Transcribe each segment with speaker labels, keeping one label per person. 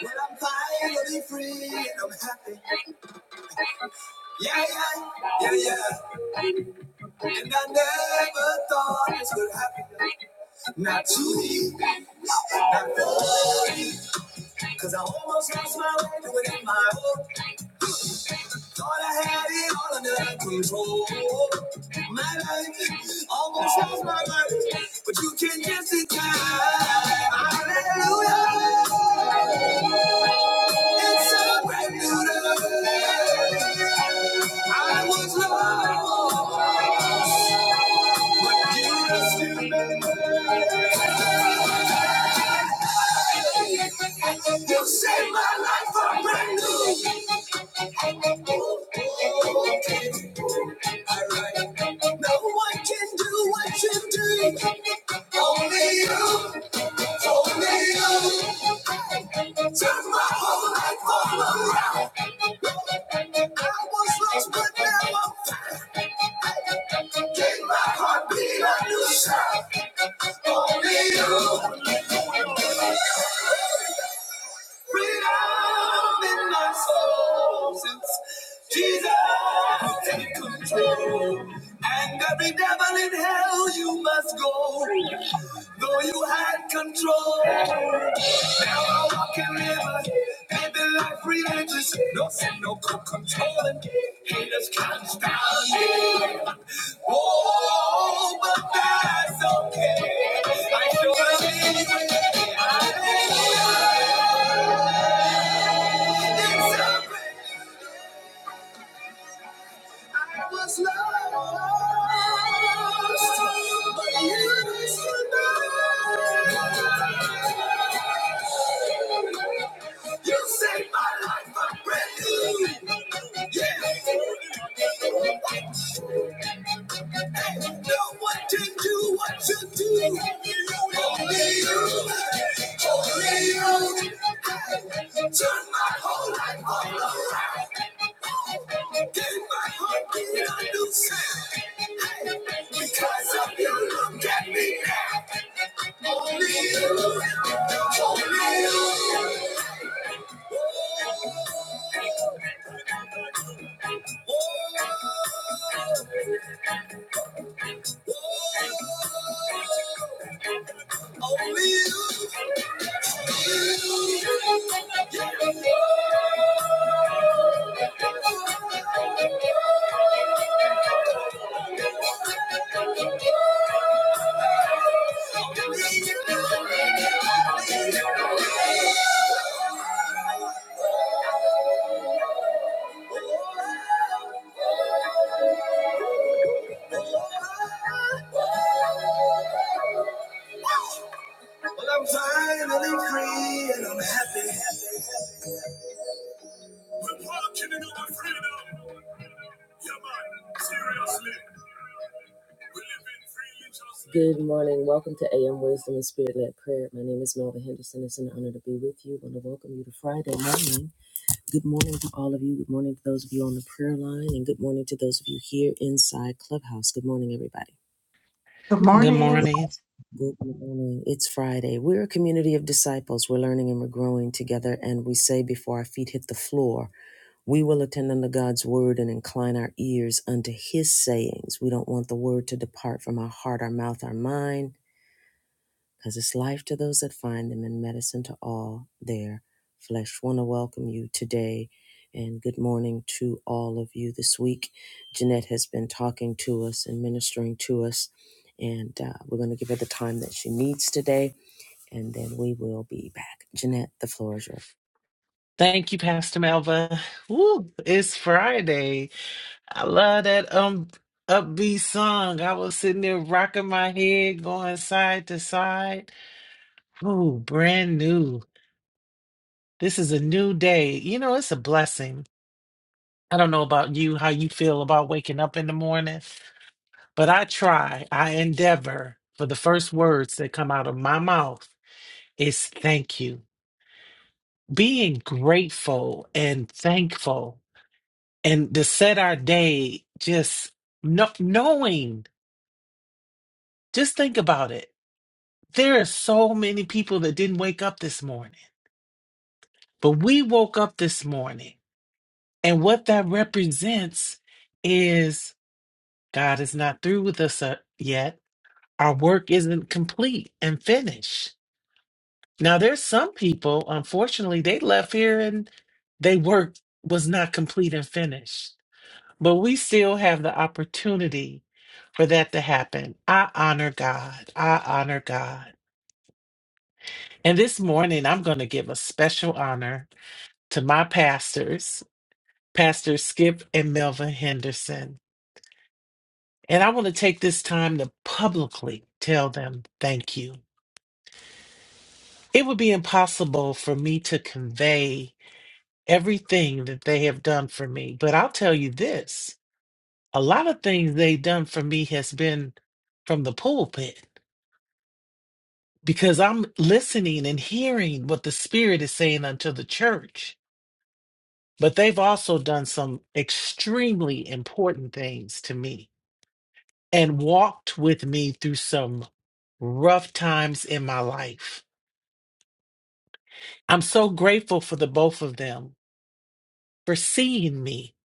Speaker 1: When I'm finally free and I'm happy. Yeah, yeah, yeah, yeah. And I never thought this would happen. Not to me, not for me. Cause I almost lost my way to it in my own. Thought I had it all under control. My life almost lost my life. But you can just in time. Hallelujah. It's a brand new day. I was lost. You rescued me. You saved my life from brand new. No one can do what you do. You turned my whole life over. heart beat a new sound. Freedom in my soul since Jesus take control. And every devil in hell you must go. Though you had control, now I walk in rivers, living life religious. No sin, no controlling. Haters can't stop me. Oh, but that's okay. I sure believe. Hallelujah. I was lost, but you rescued me. You saved my life, I'm Yeah. Hey, no one do what you do. Only you, only you. Hey, turn my whole life all around. Gave my heart a new sound. Hey, because of you, look at me now. You, Only you, only you. only you. Well, I'm finally free and I'm happy. Good morning. Welcome to AM Wisdom and Spirit Led Prayer. My name is Melva Henderson. It's an honor to be with you. I want to welcome you to Friday morning. Good morning to all of you. Good morning to those of you on the prayer line, and good morning to those of you here inside Clubhouse. Good morning, everybody.
Speaker 2: Good
Speaker 3: Good
Speaker 4: Good
Speaker 3: morning.
Speaker 2: morning.
Speaker 4: morning.
Speaker 1: Good morning. It's Friday. We're a community of disciples. We're learning and we're growing together. And we say before our feet hit the floor, we will attend unto God's word and incline our ears unto his sayings. We don't want the word to depart from our heart, our mouth, our mind because it's life to those that find them and medicine to all their flesh. Want to welcome you today and good morning to all of you this week. Jeanette has been talking to us and ministering to us, and uh, we're going to give her the time that she needs today, and then we will be back. Jeanette, the floor is yours.
Speaker 4: Thank you, Pastor Melva. Woo, it's Friday. I love that um upbeat song. I was sitting there rocking my head, going side to side. Ooh, brand new. This is a new day. You know, it's a blessing. I don't know about you, how you feel about waking up in the morning, but I try, I endeavor for the first words that come out of my mouth is thank you. Being grateful and thankful and to set our day just no, knowing just think about it there are so many people that didn't wake up this morning but we woke up this morning and what that represents is god is not through with us uh, yet our work isn't complete and finished now there's some people unfortunately they left here and they work was not complete and finished but we still have the opportunity for that to happen. I honor God. I honor God. And this morning, I'm going to give a special honor to my pastors, Pastor Skip and Melvin Henderson. And I want to take this time to publicly tell them thank you. It would be impossible for me to convey everything that they have done for me, but I'll tell you this a lot of things they've done for me has been from the pulpit because I'm listening and hearing what the Spirit is saying unto the church. But they've also done some extremely important things to me and walked with me through some rough times in my life. I'm so grateful for the both of them for seeing me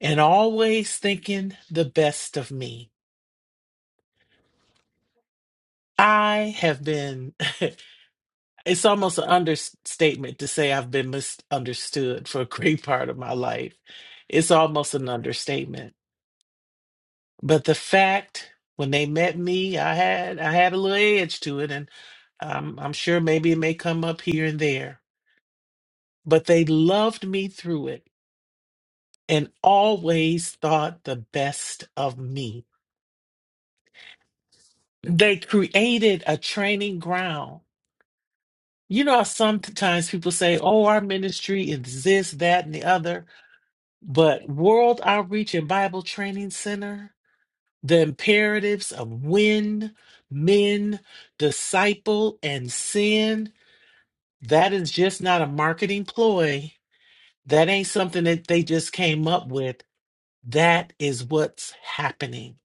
Speaker 4: and always thinking the best of me. I have been. It's almost an understatement to say I've been misunderstood for a great part of my life. It's almost an understatement. But the fact when they met me, I had I had a little edge to it, and um, I'm sure maybe it may come up here and there. But they loved me through it and always thought the best of me. They created a training ground. You know, how sometimes people say, "Oh, our ministry is this, that, and the other." But World Outreach and Bible Training Center, the imperatives of win, men, disciple, and sin, that is just not a marketing ploy. That ain't something that they just came up with. That is what's happening.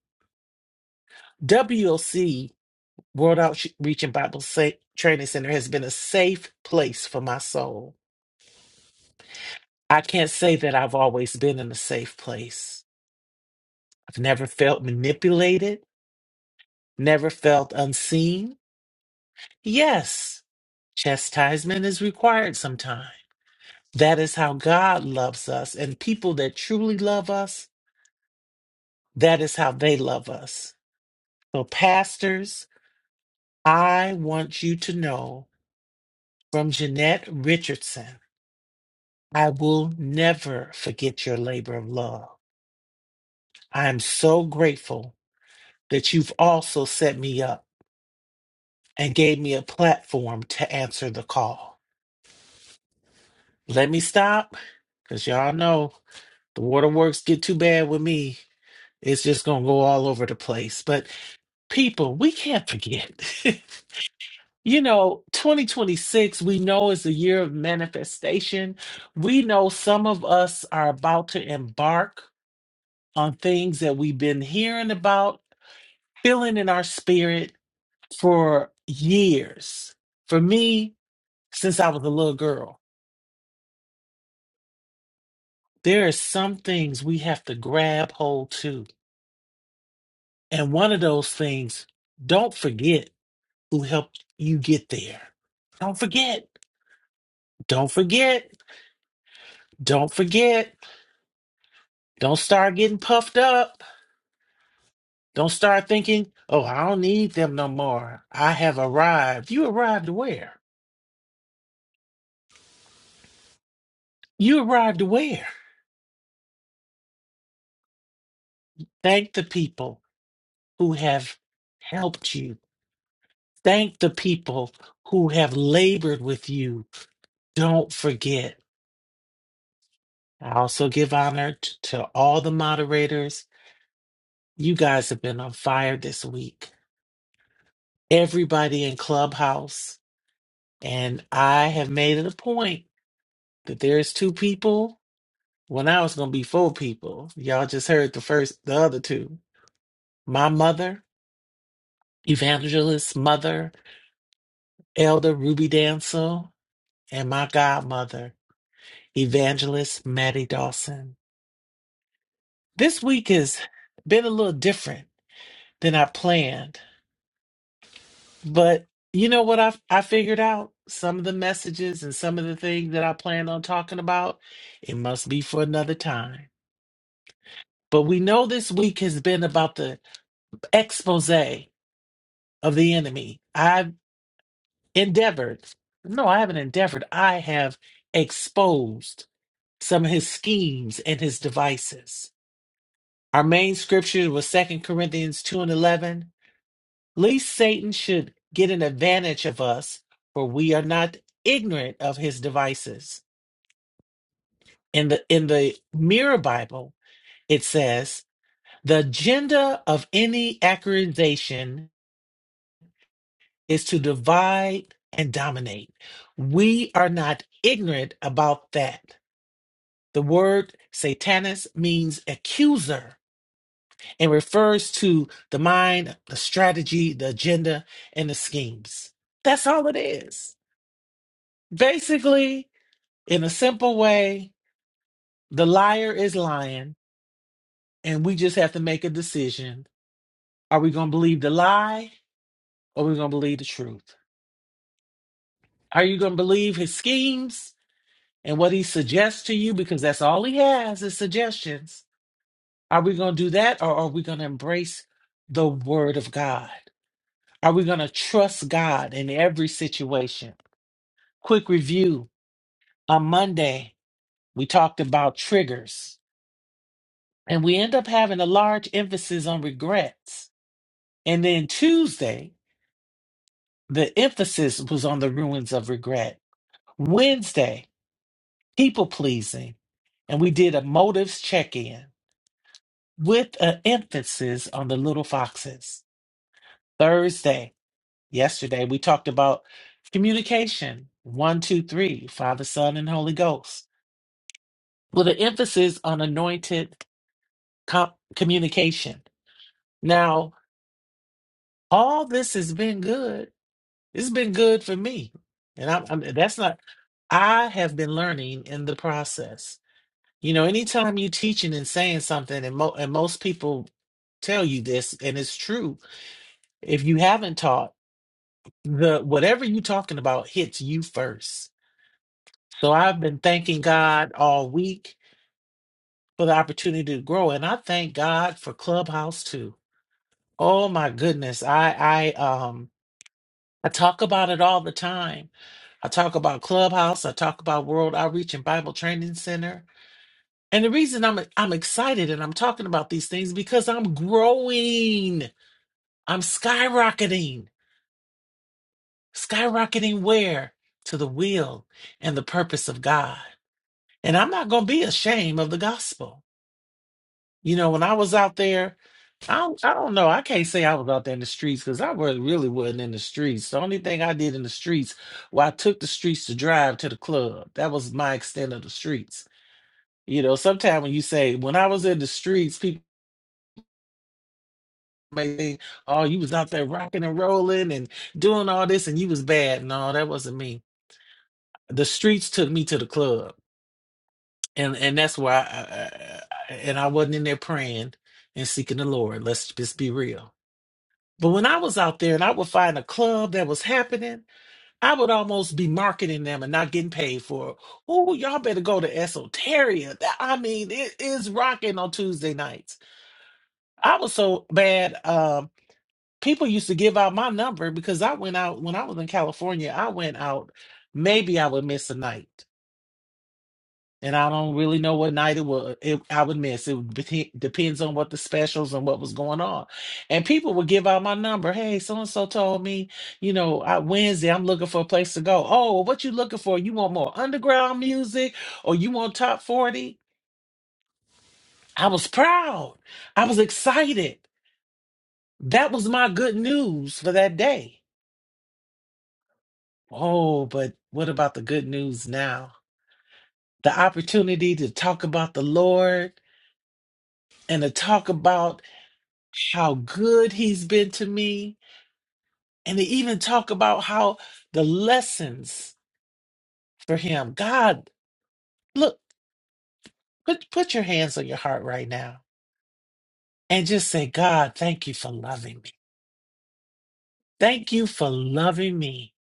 Speaker 4: WOC World Outreach and Bible Sa- Training Center, has been a safe place for my soul. I can't say that I've always been in a safe place. I've never felt manipulated. Never felt unseen? Yes, chastisement is required sometimes. That is how God loves us, and people that truly love us, that is how they love us. So, pastors, I want you to know from Jeanette Richardson I will never forget your labor of love. I am so grateful that you've also set me up and gave me a platform to answer the call. Let me stop because y'all know. the waterworks get too bad with me, it's just going to go all over the place. But people, we can't forget. you know, 2026, we know is a year of manifestation. We know some of us are about to embark on things that we've been hearing about, feeling in our spirit for years. For me, since I was a little girl, there are some things we have to grab hold to. And one of those things, don't forget who helped you get there. Don't forget. Don't forget. Don't forget. Don't start getting puffed up. Don't start thinking, oh, I don't need them no more. I have arrived. You arrived where? You arrived where? Thank the people who have helped you. Thank the people who have labored with you. Don't forget. I also give honor t- to all the moderators. You guys have been on fire this week. everybody in Clubhouse. And I have made it a point that there's two people. Well, now it's going to be four people. Y'all just heard the first, the other two. My mother, evangelist mother, Elder Ruby Dancel, and my godmother, evangelist Maddie Dawson. This week has been a little different than I planned But you know what I I figured out? Some of the messages and some of the things that I plan on talking about, it must be for another time. But we know this week has been about the expose of the enemy. I've endeavored. No, I haven't endeavored. I have exposed some of his schemes and his devices. Our main scripture was Second Corinthians 2 and 11. Least Satan should get an advantage of us, for we are not ignorant of his devices. In the in the Mirror Bible, it says, "The agenda of any accusation is to divide and dominate." We are not ignorant about that. The word Satanus means accuser and refers to the mind, the strategy, the agenda, and the schemes. That's all it is. Basically, In a simple way, the liar is lying, and we just have to make a decision. Are we going to believe the lie or are we going to believe the truth? Are you going to believe his schemes and what he suggests to you? Because that's all he has is suggestions. Are we going to do that or are we going to embrace the word of God? Are we going to trust God in every situation? Quick review on Monday, we talked about triggers and we end up having a large emphasis on regrets And then Tuesday, the emphasis was on the ruins of regret. Wednesday, people pleasing. And we did a motives check in with an emphasis on the little foxes. Thursday, yesterday, we talked about communication one, two, three, Father, Son, and Holy Ghost with an emphasis on anointed com- communication. Now, all this has been good It's been good for me. And I'm, I'm that's not I have been learning in the process. You know, anytime you're teaching and saying something, and, mo- and most people tell you this, and it's true. If you haven't taught, the whatever you're talking about hits you first. So I've been thanking God all week for the opportunity to grow, and I thank God for Clubhouse too. Oh my goodness, I I um I talk about it all the time I talk about Clubhouse. I talk about World Outreach and Bible Training Center. And the reason I'm I'm excited and I'm talking about these things because I'm growing. I'm skyrocketing. Skyrocketing where? To the will and the purpose of God. And I'm not going to be ashamed of the gospel. You know, when I was out there, I don't, I don't know. I can't say I was out there in the streets because I wa- really wasn't in the streets. The only thing I did in the streets, well, I took the streets to drive to the club. That was my extent of the streets You know, sometimes when you say, when I was in the streets, people may think, oh, you was out there rocking and rolling and doing all this and you was bad. No, that wasn't me. The streets took me to the club. And and that's why I, I, and I wasn't in there praying and seeking the Lord. Let's just be real. But when I was out there and I would find a club that was happening, I would almost be marketing them and not getting paid for it. Oh, y'all better go to Esoteria. That- I mean, it is rocking on Tuesday nights I was so bad. Um, people used to give out my number because I went out when I was in California. I went out. Maybe I would miss a night, and I don't really know what night it was. It, I would miss. It would be- depends on what the specials and what was going on. And people would give out my number. Hey, so and so told me, you know, I, Wednesday I'm looking for a place to go. Oh, what you looking for? You want more underground music, or you want top forty? I was proud. I was excited. That was my good news for that day. Oh, but what about the good news now? The opportunity to talk about the Lord and to talk about how good He's been to me, and to even talk about how the lessons for Him. God, look, put, put your hands on your heart right now and just say, God, thank you for loving me. Thank you for loving me.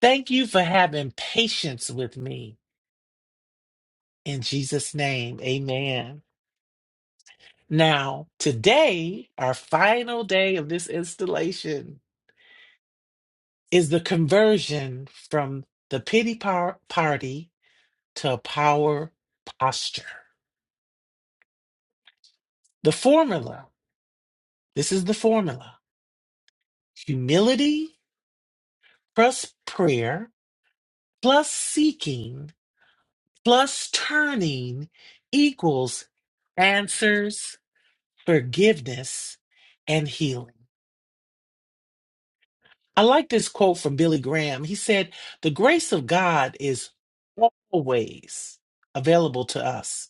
Speaker 4: Thank you for having patience with me. In Jesus' name, amen. Now, today, our final day of this installation is the conversion from the pity par- party to a power posture. The formula this is the formula humility plus prayer plus seeking plus turning equals answers, forgiveness, and healing. I like this quote from Billy Graham. He said, The grace of God is always available to us.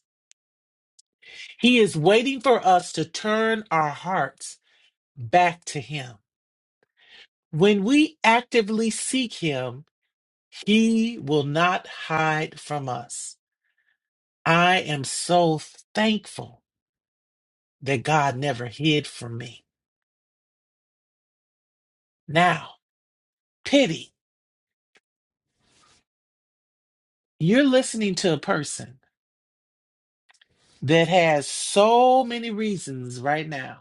Speaker 4: He is waiting for us to turn our hearts back to Him. When we actively seek Him, He will not hide from us. I am so thankful that God never hid from me. Now, pity, you're listening to a person that has so many reasons right now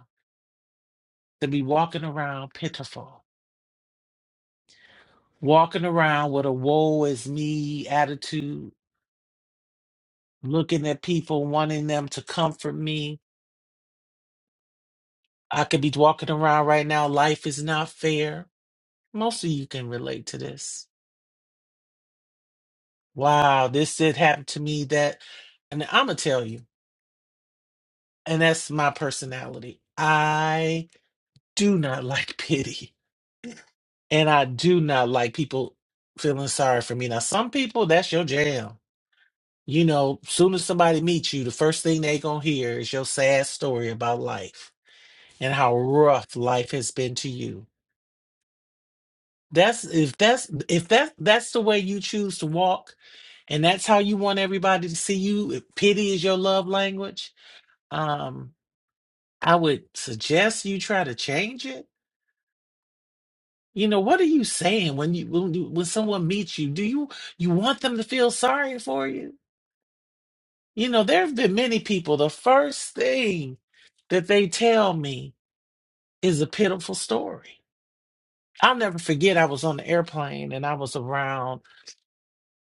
Speaker 4: to be walking around pitiful, walking around with a woe is me attitude, looking at people, wanting them to comfort me. I could be walking around right now, life is not fair. Most of you can relate to this. Wow, this did happen to me that, and I'm going to tell you, and that's my personality. I do not like pity, and I do not like people feeling sorry for me. Now, some people, that's your jam You know, soon as somebody meets you, the first thing they gonna hear is your sad story about life and how rough life has been to you. That's if that's if that that's the way you choose to walk, and that's how you want everybody to see you. If pity is your love language, um, I would suggest you try to change it. You know, what are you saying when you when you, when someone meets you? Do you you want them to feel sorry for you? You know, there have been many people, the first thing that they tell me is a pitiful story. I'll never forget, I was on the airplane and I was around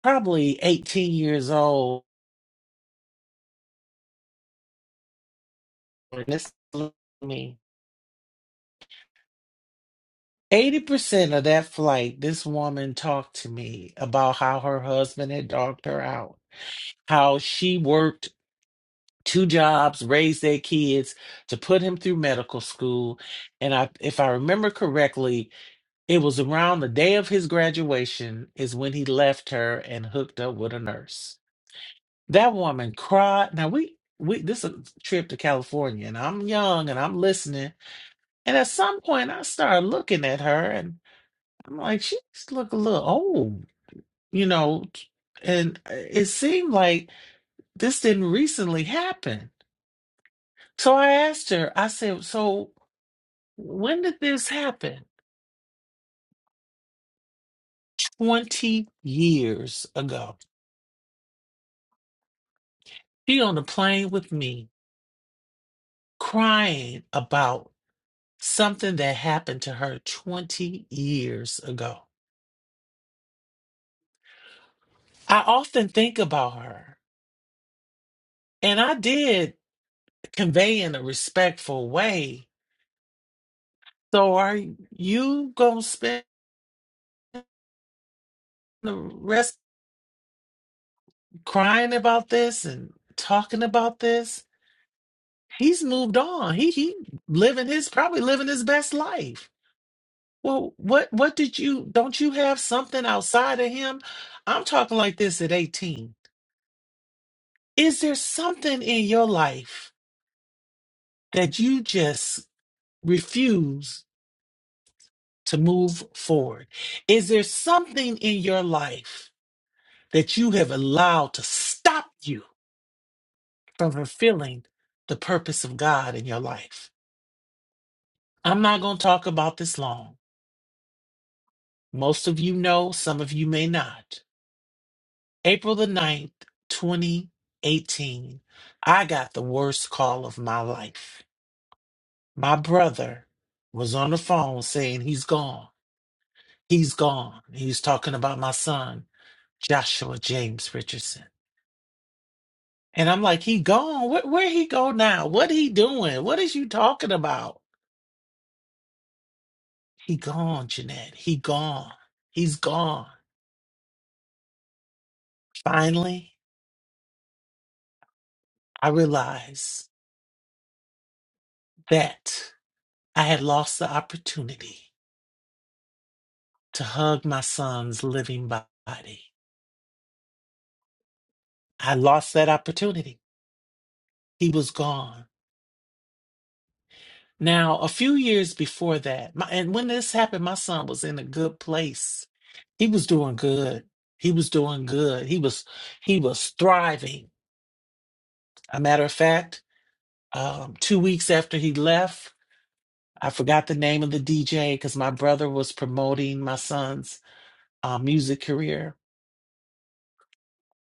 Speaker 4: probably 18 years old. And this me. 80% of that flight, this woman talked to me about how her husband had dogged her out, how she worked two jobs, raised their kids to put him through medical school. And I, if I remember correctly, It was around the day of his graduation is when he left her and hooked up with a nurse. That woman cried. Now we we this is a trip to California and I'm young and I'm listening. And at some point I started looking at her and I'm like, she just look a little old, you know. And it seemed like this didn't recently happen. So I asked her, I said, so when did this happen? 20 years ago. She on the plane with me crying about something that happened to her 20 years ago. I often think about her, and I did convey in a respectful way. So, are you going to spend the rest crying about this and talking about this? He's moved on. He he living his probably living his best life. Well, what what did you don't you have something outside of him? I'm talking like this at 18. Is there something in your life that you just refuse to move forward? Is there something in your life that you have allowed to stop you from fulfilling the purpose of God in your life? I'm not going to talk about this long. Most of you know, some of you may not. April the ninth, 2018, I got the worst call of my life. My brother was on the phone saying he's gone He's gone. He's talking about my son, Joshua James Richardson. And I'm like, he gone. Where, where he go now? What he doing? What is you talking about? He gone, Jeanette. He gone. He's gone. Finally, I realized that I had lost the opportunity to hug my son's living body. I lost that opportunity. He was gone. Now, a few years before that, my, and when this happened, my son was in a good place He was doing good. He was doing good. He was he was thriving. A matter of fact, um, two weeks after he left, I forgot the name of the DJ because my brother was promoting my son's uh, music career.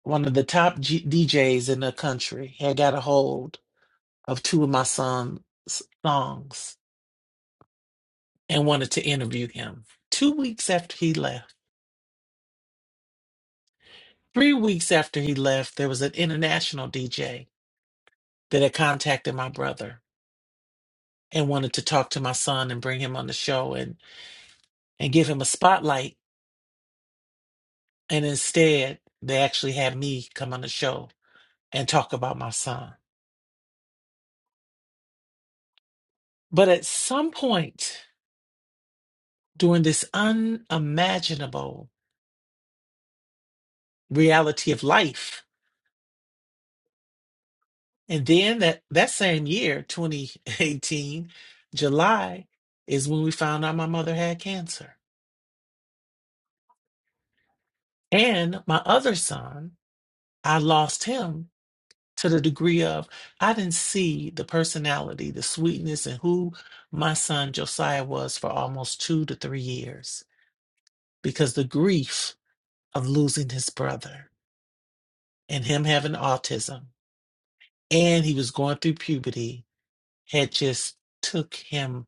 Speaker 4: One of the top G- DJs in the country had got a hold of two of my son's songs and wanted to interview him. Two weeks after he left, three weeks after he left, there was an international DJ that had contacted my brother and wanted to talk to my son and bring him on the show and and give him a spotlight and instead they actually had me come on the show and talk about my son but at some point during this unimaginable reality of life and then that that same year 2018 july is when we found out my mother had cancer and my other son i lost him to the degree of I didn't see the personality, the sweetness, and who my son Josiah was for almost two to three years because the grief of losing his brother and him having autism and he was going through puberty had just took him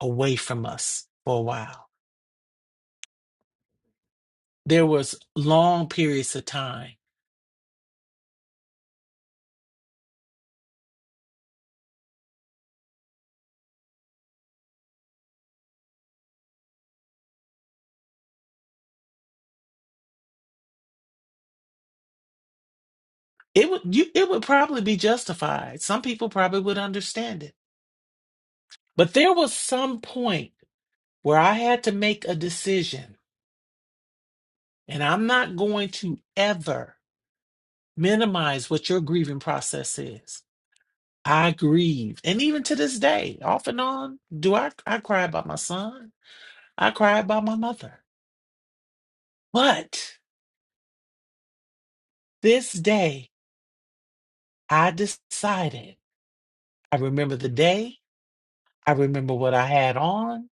Speaker 4: away from us for a while. There was long periods of time It would you it would probably be justified. Some people probably would understand it. But there was some point where I had to make a decision, and I'm not going to ever minimize what your grieving process is. I grieve. And even to this day, off and on, do I I cry about my son? I cry about my mother. But this day I decided. I remember the day. I remember what I had on.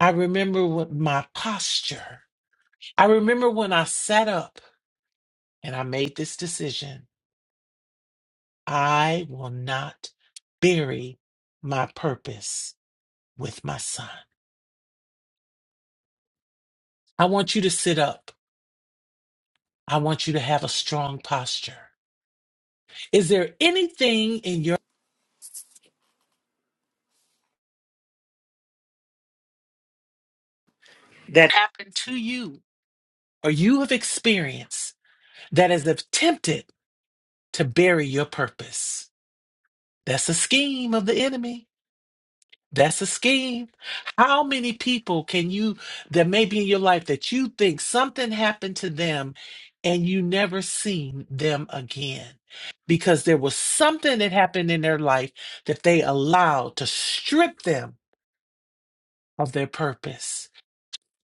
Speaker 4: I remember what my posture. I remember when I sat up and I made this decision I will not bury my purpose with my son. I want you to sit up. I want you to have a strong posture. Is there anything in your that happened to you or you have experienced that has attempted to bury your purpose? That's a scheme of the enemy. That's a scheme. How many people can you that may be in your life that you think something happened to them and you never seen them again? Because there was something that happened in their life that they allowed to strip them of their purpose,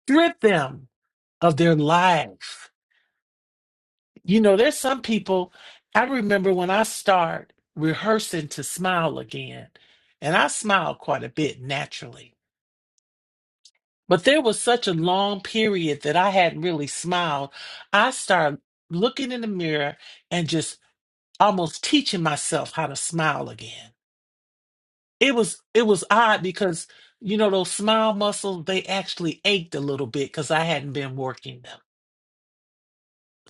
Speaker 4: strip them of their life. You know, there's some people I remember when I start rehearsing to smile again, and I smile quite a bit naturally But there was such a long period that I hadn't really smiled. I started looking in the mirror and just almost teaching myself how to smile again. It was it was odd because you know those smile muscles they actually ached a little bit cuz I hadn't been working them.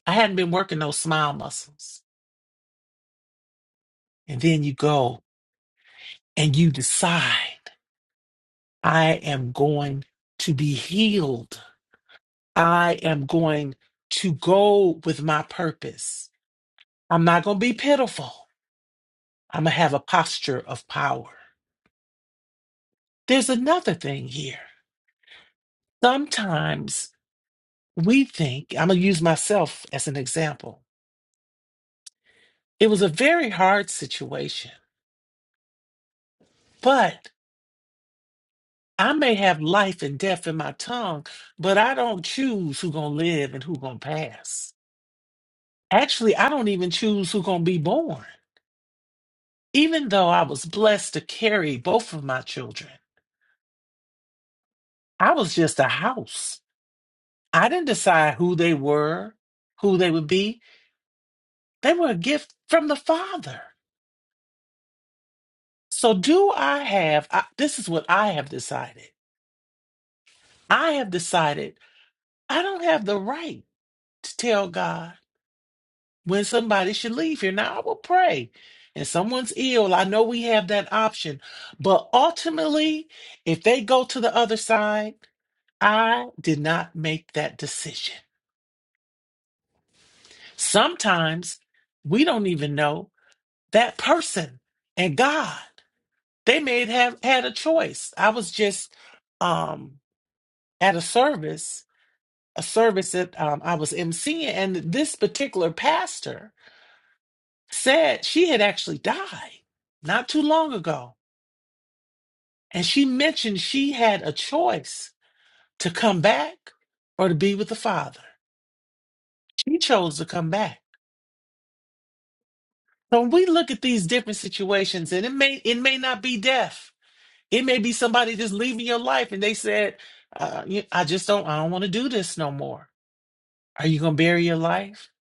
Speaker 4: I hadn't been working those smile muscles. And then you go and you decide I am going to be healed. I am going to go with my purpose. I'm not going to be pitiful. I'm going to have a posture of power. There's another thing here. Sometimes we think, I'm going to use myself as an example. It was a very hard situation, but I may have life and death in my tongue, but I don't choose who's going to live and who's going to pass. Actually, I don't even choose who's going to be born. Even though I was blessed to carry both of my children, I was just a house. I didn't decide who they were, who they would be. They were a gift from the Father. So, do I have I, this? Is what I have decided. I have decided I don't have the right to tell God when somebody should leave here. Now, I will pray. And someone's ill, I know we have that option. But ultimately, if they go to the other side, I did not make that decision. Sometimes we don't even know that person and God. They may have had a choice. I was just um, at a service, a service that um, I was emceeing, and this particular pastor said she had actually died not too long ago. And she mentioned she had a choice to come back or to be with the Father. She chose to come back. So when we look at these different situations, and it may it may not be death. It may be somebody just leaving your life, and they said, uh, you- "I just don't, I don't want to do this no more." Are you going to bury your life?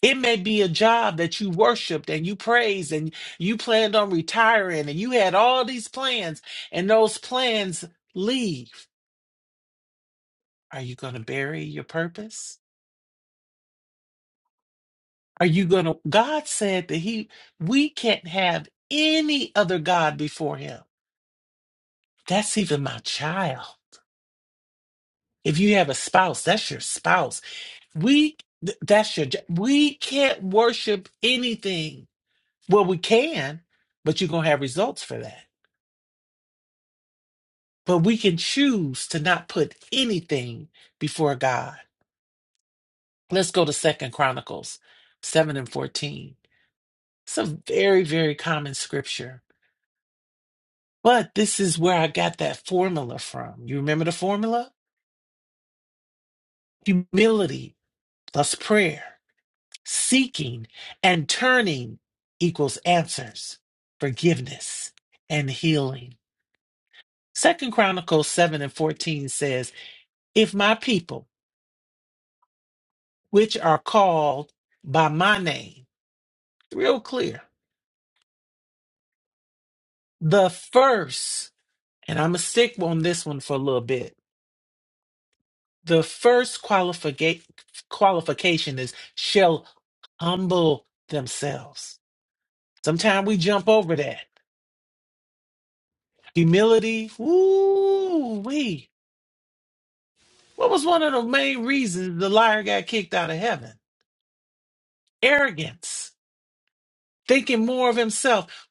Speaker 4: It may be a job that you worshiped and you praised and you planned on retiring and you had all these plans and those plans leave. Are you going to bury your purpose? Are you going to God said that he we can't have any other god before him. That's even my child. If you have a spouse, that's your spouse. We th- that's your j- we can't worship anything. Well, we can, but you're going to have results for that. But we can choose to not put anything before God. Let's go to Second Chronicles 7 and 14. It's a very, very common scripture. But this is where I got that formula from. You remember the formula? Humility plus prayer, seeking and turning equals answers, forgiveness and healing. Second Chronicles 7 and 14 says, If my people, which are called by my name, real clear. The first, and I'm gonna stick on this one for a little bit. The first qualifica- qualification is shall humble themselves. Sometimes we jump over that. Humility, Ooh, we. What was one of the main reasons the liar got kicked out of heaven? Arrogance, thinking more of himself.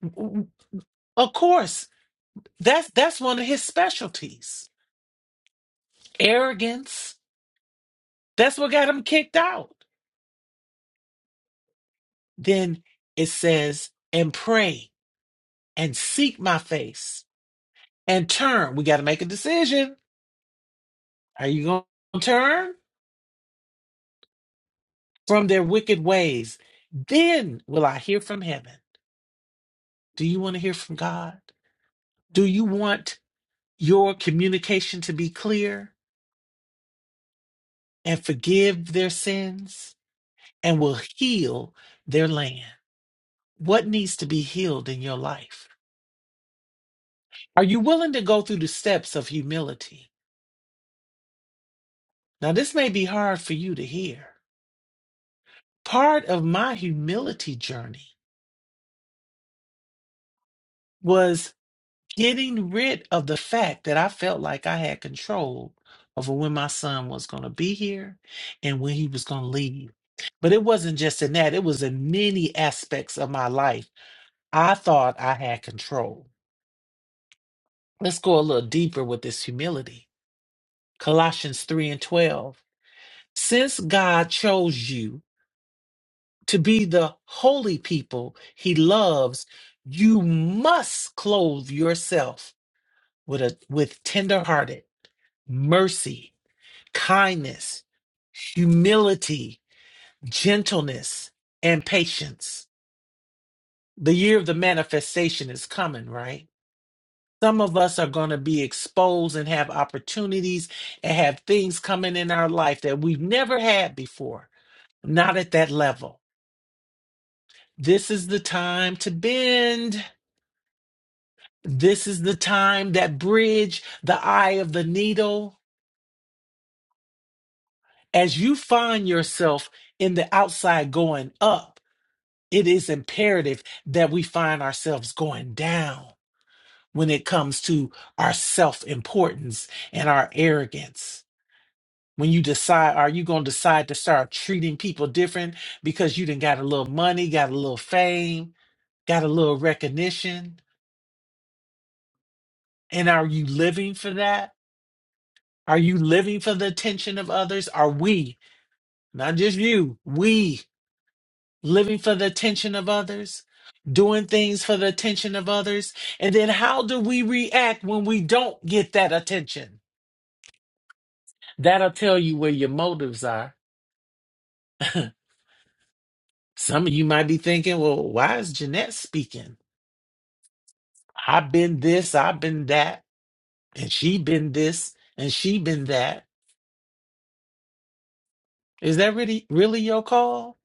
Speaker 4: Of course, that's that's one of his specialties. Arrogance. That's what got him kicked out. Then it says, and pray and seek my face and turn. We got to make a decision. Are you going to turn from their wicked ways? Then will I hear from heaven. Do you want to hear from God? Do you want your communication to be clear and forgive their sins and will heal their land? What needs to be healed in your life? Are you willing to go through the steps of humility? Now, this may be hard for you to hear part of my humility journey was getting rid of the fact that I felt like I had control over when my son was going to be here and when he was going to leave. But it wasn't just in that, it was in many aspects of my life. I thought I had control. Let's go a little deeper with this humility. Colossians 3 and 12. Since God chose you to be the holy people he loves, you must clothe yourself with a with tenderhearted mercy kindness humility gentleness and patience the year of the manifestation is coming right some of us are going to be exposed and have opportunities and have things coming in our life that we've never had before not at that level this is the time to bend this is the time that bridge the eye of the needle as you find yourself in the outside going up, it is imperative that we find ourselves going down when it comes to our self importance and our arrogance. When you decide, are you going to decide to start treating people different because you didn't got a little money, got a little fame, got a little recognition? And are you living for that? Are you living for the attention of others? Are we, not just you, we living for the attention of others, doing things for the attention of others. And then how do we react when we don't get that attention? That'll tell you where your motives are. Some of you might be thinking, well, why is Jeanette speaking? I've been this, I've been that, and she been this, and she been that. Is that really really your call?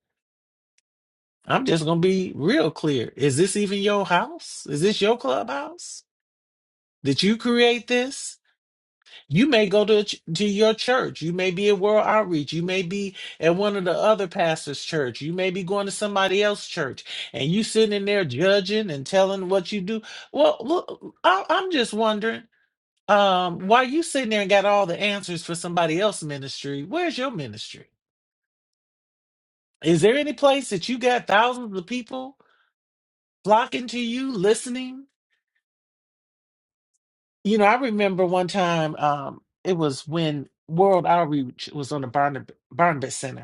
Speaker 4: I'm just gonna be real clear. Is this even your house? Is this your clubhouse? Did you create this? You may go to a ch- to your church. You may be at World Outreach. You may be at one of the other pastors' church. You may be going to somebody else's church, and you sitting in there judging and telling what you do. Well, look, I, I'm just wondering um, why you sitting there and got all the answers for somebody else's ministry. Where's your ministry? Is there any place that you got thousands of people flocking to you, listening? You know, I remember one time um, it was when World Outreach was on the Barnab- Barnabas Center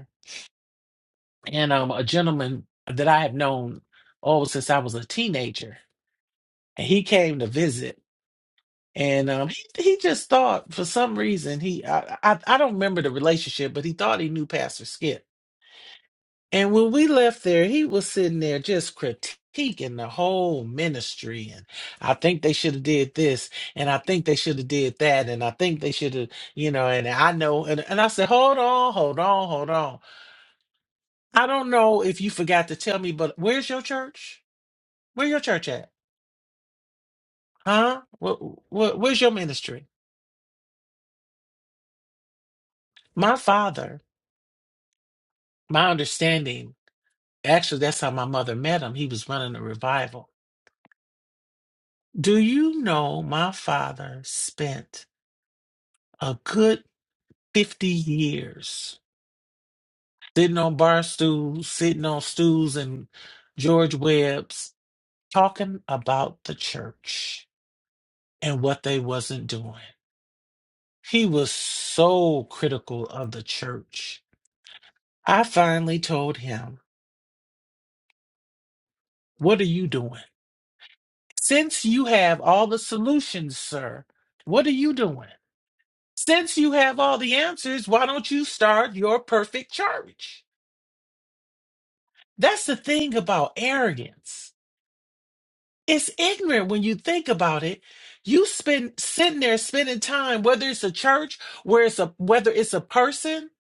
Speaker 4: and um, a gentleman that I have known oh since I was a teenager, and he came to visit, and um, he he just thought for some reason he I, I I don't remember the relationship, but he thought he knew Pastor Skip, and when we left there, he was sitting there just critiquing the whole ministry, and I think they should have did this, and I think they should have did that, and I think they should have you know, and I know, and and I said, hold on, hold on, hold on. I don't know if you forgot to tell me, but where's your church? Where your church at? Huh? What, what, where's your ministry? My father, my understanding, actually, that's how my mother met him. He was running a revival. Do you know my father spent a good 50 years sitting on bar stools, sitting on stools and George Webb's, talking about the church and what they wasn't doing. He was so critical of the church. I finally told him What are you doing? Since you have all the solutions, sir, what are you doing? Since you have all the answers, why don't you start your perfect church? That's the thing about arrogance. It's ignorant when you think about it. You spend sitting there spending time, whether it's a church, where it's a whether it's a person.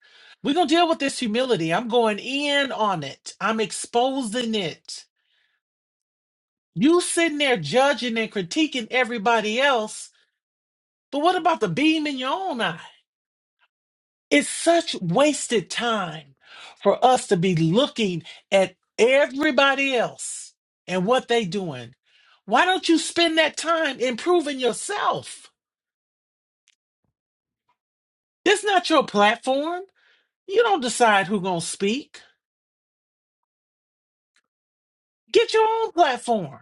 Speaker 4: We're gonna deal with this humility. I'm going in on it. I'm exposing it. You sitting there judging and critiquing everybody else But what about the beam in your own eye? It's such wasted time for us to be looking at everybody else and what they doing. Why don't you spend that time improving yourself? It's not your platform. You don't decide who's going to speak. Get your own platform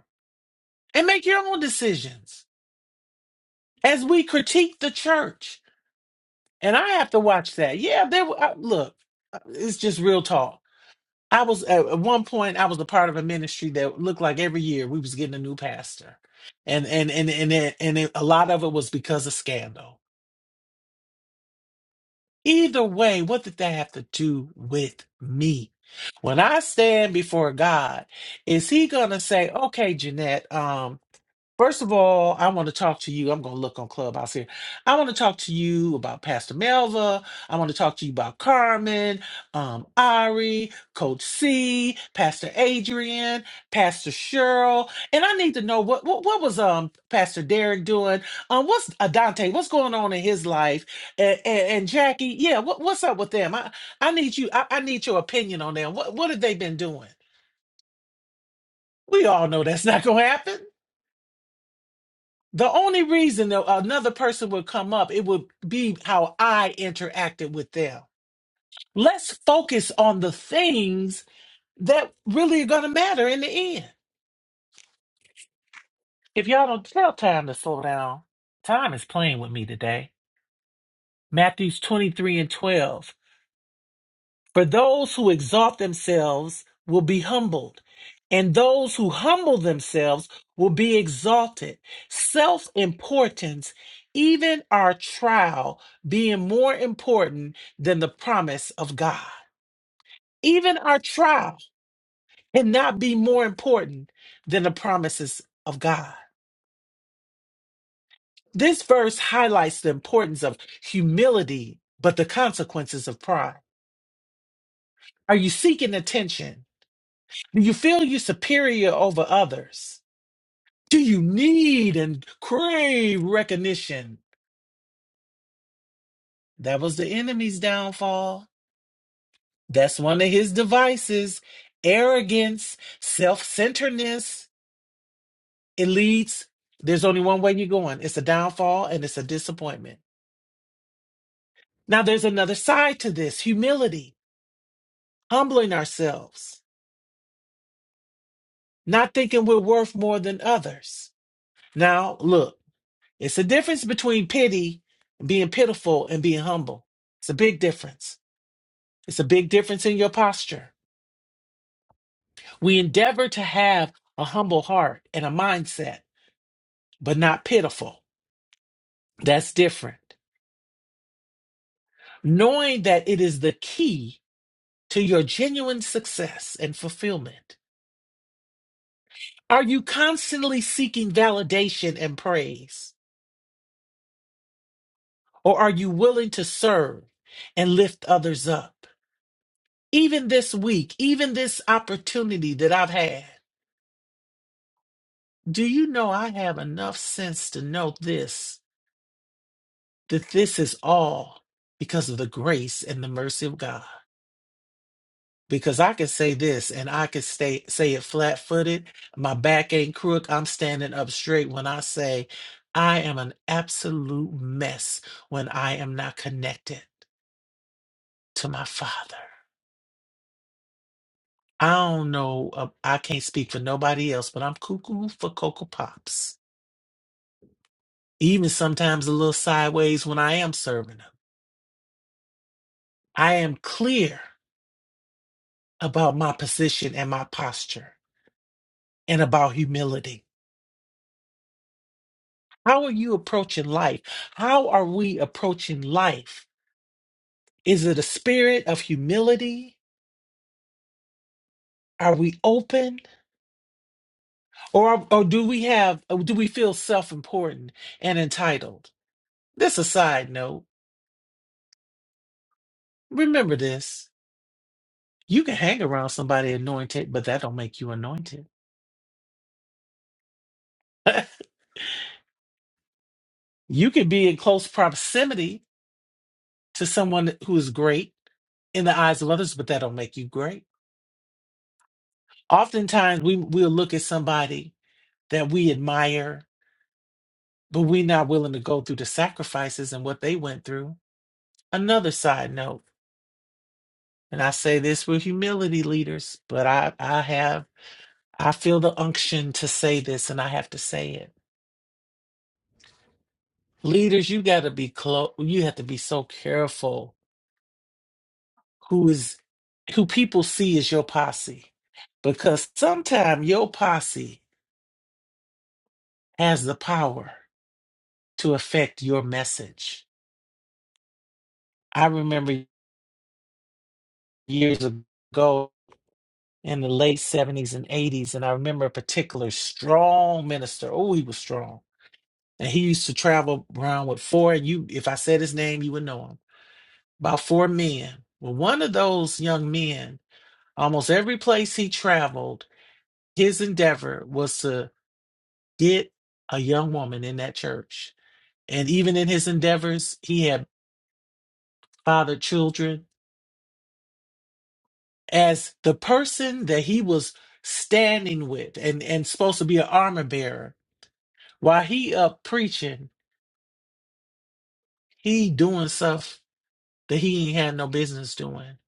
Speaker 4: and make your own decisions. As we critique the church, and I have to watch that. Yeah, there. I- Look, uh, it's just real talk I was at at one point I was a part of a ministry that looked like every year we was getting a new pastor. And and and and it, and it, a lot of it was because of scandal. Either way, what did that have to do with me? When I stand before God, is he going to say, "Okay, Jeanette, um, First of all, I want to talk to you. I'm going to look on Clubhouse here. I want to talk to you about Pastor Melva. I want to talk to you about Carmen, um, Ari, Coach C, Pastor Adrian, Pastor Cheryl, and I need to know what what, what was um Pastor Derek doing? Um, what's Adante? What's going on in his life? And, and, and Jackie, yeah, what, what's up with them? I I need you. I, I need your opinion on them. What what have they been doing? We all know that's not going to happen. The only reason that another person would come up, it would be how I interacted with them. Let's focus on the things that really are going to matter in the end. If y'all don't tell time to slow down, time is playing with me today. Matthews 23 and 12. For those who exalt themselves will be humbled, and those who humble themselves will be exalted. Self importance, even our trial, being more important than the promise of God. Even our trial cannot be more important than the promises of God. This verse highlights the importance of humility, but the consequences of pride. Are you seeking attention? Do you feel you're superior over others? Do you need and crave recognition? That was the enemy's downfall. That's one of his devices arrogance, self centeredness. It leads, there's only one way you're going it's a downfall and it's a disappointment. Now, there's another side to this humility, humbling ourselves, not thinking we're worth more than others. Now, look. It's the difference between pity and being pitiful and being humble. It's a big difference. It's a big difference in your posture. We endeavor to have a humble heart and a mindset, but not pitiful. That's different. Knowing that it is the key to your genuine success and fulfillment. Are you constantly seeking validation and praise? Or are you willing to serve and lift others up? Even this week, even this opportunity that I've had. Do you know I have enough sense to know this, that this is all because of the grace and the mercy of God? Because I can say this and I can stay, say it flat footed. My back ain't crook. I'm standing up straight when I say I am an absolute mess when I am not connected to my Father. I don't know. uh, I can't speak for nobody else, but I'm cuckoo for Cocoa Pops. Even sometimes a little sideways when I am serving them. I am clear about my position and my posture and about humility. How are you approaching life? How are we approaching life? Is it a spirit of humility? Are we open or or do we have or do we feel self-important and entitled? This a side note. Remember this. You can hang around somebody anointed, but that don't make you anointed. you can be in close proximity to someone who is great in the eyes of others, but that'll make you great. Oftentimes we we'll look at somebody that we admire, but we're not willing to go through the sacrifices and what they went through. Another side note, and I say this with humility, leaders, but I, I have I feel the unction to say this and I have to say it. Leaders, you gotta be close you have to be so careful who is who people see as your posse. Because sometimes your posse has the power to affect your message. I remember years ago in the late 70s and 80s, and I remember a particular strong minister. Oh, he was strong. And he used to travel around with four, and you if I said his name, you would know him. About four men. Well, one of those young men, almost every place he traveled, his endeavor was to get a young woman in that church. And even in his endeavors, he had fathered children as the person that he was standing with and, and supposed to be an armor bearer, while he up preaching, he doing stuff that he ain't had no business doing.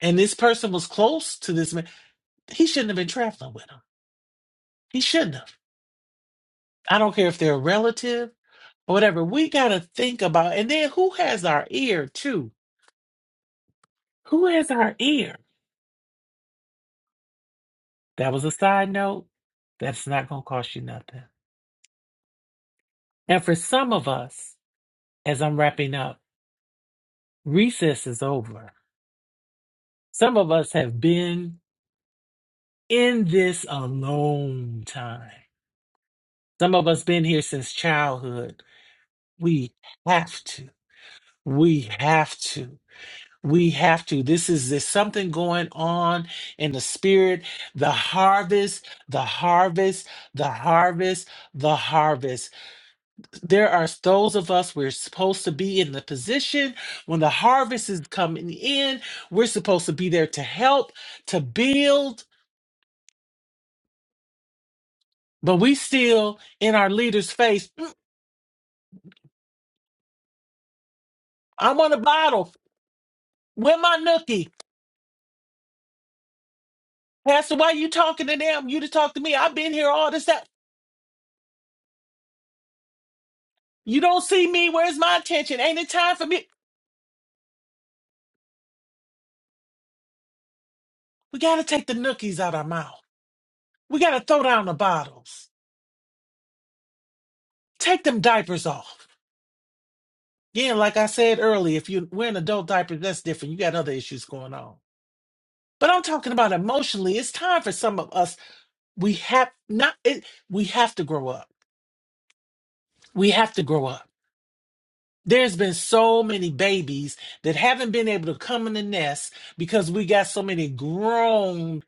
Speaker 4: And this person was close to this man. He shouldn't have been traveling with him. He shouldn't have. I don't care if they're a relative or whatever. We gotta think about and then who has our ear too? Who has our ear? That was a side note. That's not gonna cost you nothing. And for some of us, as I'm wrapping up, Recess is over. Some of us have been in this a long time. Some of us been here since childhood. We have to. We have to. We have to. This is there's something going on in the spirit. The harvest, the harvest, the harvest, the harvest. There are those of us we're supposed to be in the position when the harvest is coming in. We're supposed to be there to help, to build, But we still in our leader's face. "Mm, I want a bottle. Where my nookie? Pastor, why you talking to them? You to talk to me. I've been here all this time. You don't see me. Where's my attention? Ain't it time for me? We got to take the nookies out our mouth. We got to throw down the bottles. Take them diapers off. Again, like I said earlier, if you're wearing adult diapers, that's different. You got other issues going on. But I'm talking about emotionally. It's time for some of us. We have not. It, we have to grow up. We have to grow up There's been so many babies that haven't been able to come in the nest because we got so many grown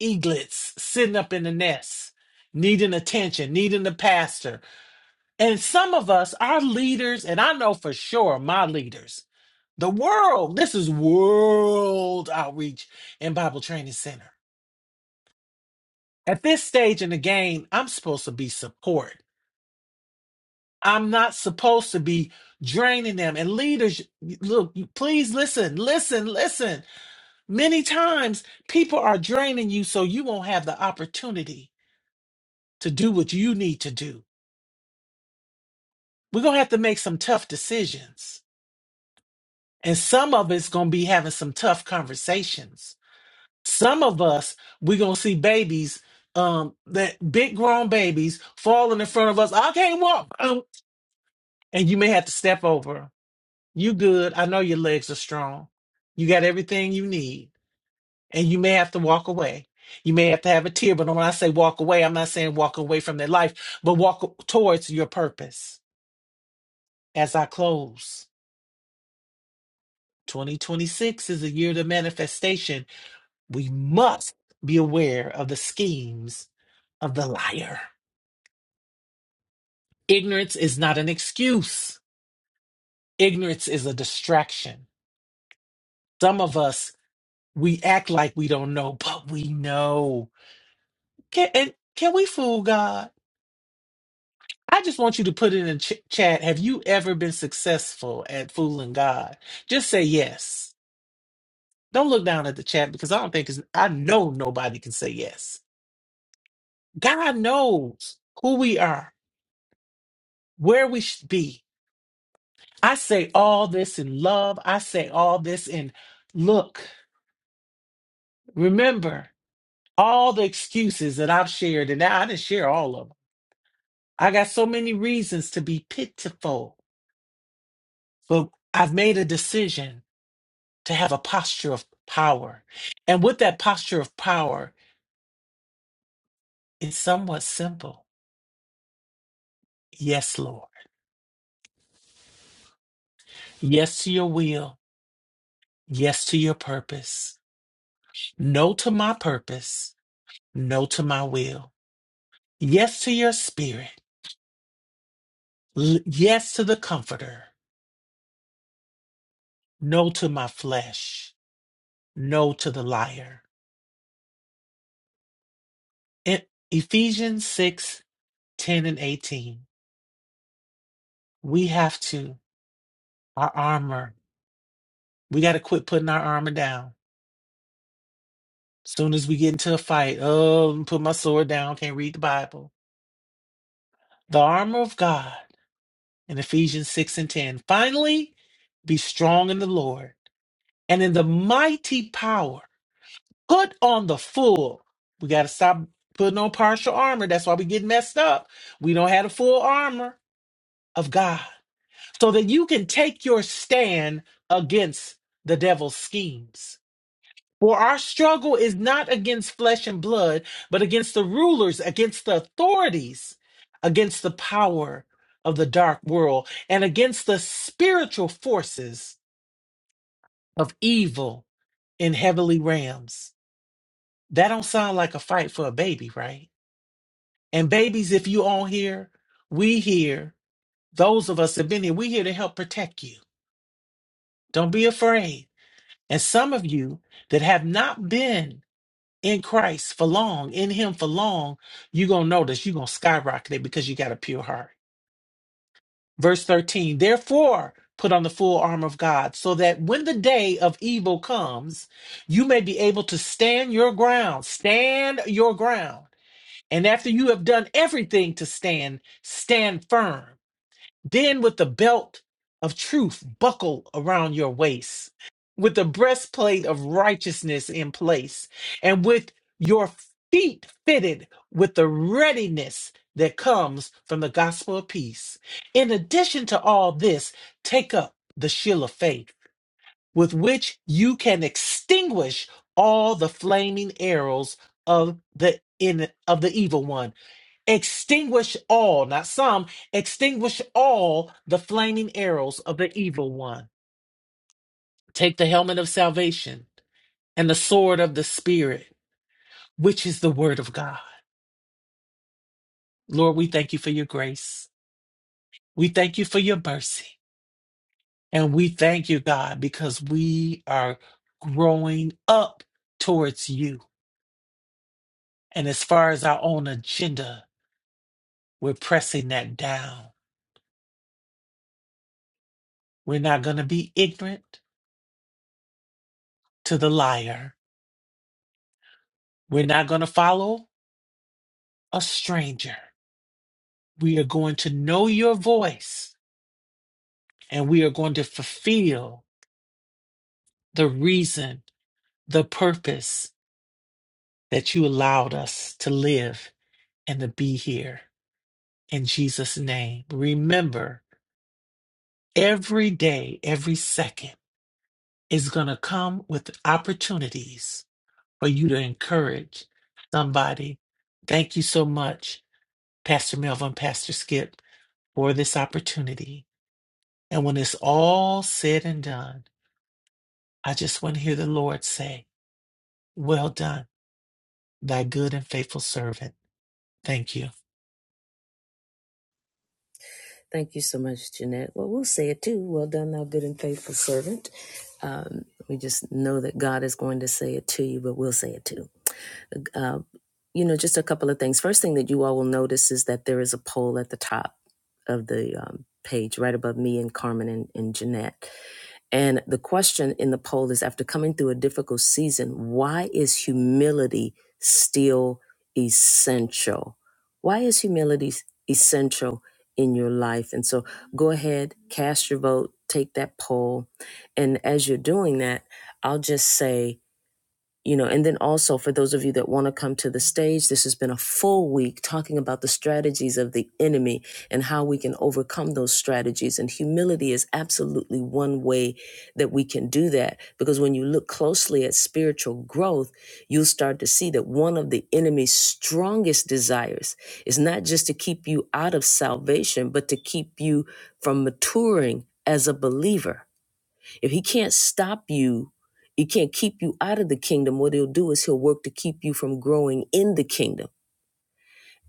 Speaker 4: eaglets sitting up in the nest, needing attention, needing the pastor. And some of us, our leaders, and I know for sure my leaders, the world, this is World Outreach and Bible Training Center. At this stage in the game, I'm supposed to be support. I'm not supposed to be draining them. And leaders, look, you- please listen, listen, listen. Many times people are draining you so you won't have the opportunity to do what you need to do. We're going to have to make some tough decisions. And some of it's going to be having some tough conversations. Some of us, we're going to see babies, um, that big grown babies falling in front of us. I can't walk. Um, And you may have to step over. You good. I know your legs are strong. You got everything you need. And you may have to walk away. You may have to have a tear, but when I say walk away, I'm not saying walk away from their life, but walk towards your purpose. As I close, 2026 is a year of manifestation. We must be aware of the schemes of the liar. Ignorance is not an excuse, ignorance is a distraction. Some of us, we act like we don't know, but we know. Can and can we fool God? I just want you to put it in the ch- chat. Have you ever been successful at fooling God? Just say yes. Don't look down at the chat because I don't think it's, I know nobody can say yes. God knows who we are, where we should be. I say all this in love. I say all this in look. Remember all the excuses that I've shared, and I didn't share all of them. I got so many reasons to be pitiful, but I've made a decision to have a posture of power. And with that posture of power, it's somewhat simple. Yes, Lord. Yes to your will. Yes to your purpose. No to my purpose. No to my will. Yes to your spirit. L- yes to the comforter. No to my flesh. No to the liar. In Ephesians 6 10 and 18, we have to, our armor, we got to quit putting our armor down Soon as we get into a fight, oh, put my sword down, can't read the Bible. The armor of God in Ephesians 6 and 10. Finally, be strong in the Lord and in the mighty power. Put on the full. We got to stop putting on partial armor. That's why we get messed up. We don't have the full armor of God so that you can take your stand against the devil's schemes. For our struggle is not against flesh and blood, but against the rulers, against the authorities, against the power of the dark world, and against the spiritual forces of evil in heavenly realms. That don't sound like a fight for a baby, right? And babies, if you all here, we here, those of us that have been here, we here to help protect you. Don't be afraid. And some of you that have not been in Christ for long, in Him for long, you're going to notice you're going to skyrocket it because you got a pure heart. Verse 13, therefore, put on the full armor of God so that when the day of evil comes, you may be able to stand your ground. Stand your ground. And after you have done everything to stand, stand firm. Then with the belt of truth buckled around your waist, with the breastplate of righteousness in place, and with your feet fitted with the readiness that comes from the gospel of peace. In addition to all this, take up the shield of faith with which you can extinguish all the flaming arrows of the in of the evil one extinguish all, not some, extinguish all the flaming arrows of the evil one. Take the helmet of salvation and the sword of the Spirit, which is the word of God. Lord, we thank you for your grace. We thank you for your mercy. And we thank you, God, because we are growing up towards you. And as far as our own agenda, we're pressing that down. We're not going to be ignorant to the liar. We're not going to follow a stranger. We are going to know your voice and we are going to fulfill the reason, the purpose that you allowed us to live and to be here. In Jesus' name, remember every day, every second is going to come with opportunities for you to encourage somebody. Thank you so much, Pastor Melvin, Pastor Skip, for this opportunity. And when it's all said and done, I just want to hear the Lord say, Well done, thy good and faithful servant. Thank you.
Speaker 1: Thank you so much, Jeanette. Well, we'll say it too. Well done, thou good and faithful servant. Um, we just know that God is going to say it to you, but we'll say it too. Uh, you know, just a couple of things. First thing that you all will notice is that there is a poll at the top of the um, page, right above me and Carmen and, and Jeanette. And the question in the poll is after coming through a difficult season, why is humility still essential? Why is humility essential in your life? And so go ahead, cast your vote, take that poll. And as you're doing that, I'll just say, you know and then also for those of you that want to come to the stage this has been a full week talking about the strategies of the enemy and how we can overcome those strategies and humility is absolutely one way that we can do that because when you look closely at spiritual growth you'll start to see that one of the enemy's strongest desires is not just to keep you out of salvation but to keep you from maturing as a believer if he can't stop you, he can't keep you out of the kingdom, what he'll do is he'll work to keep you from growing in the kingdom.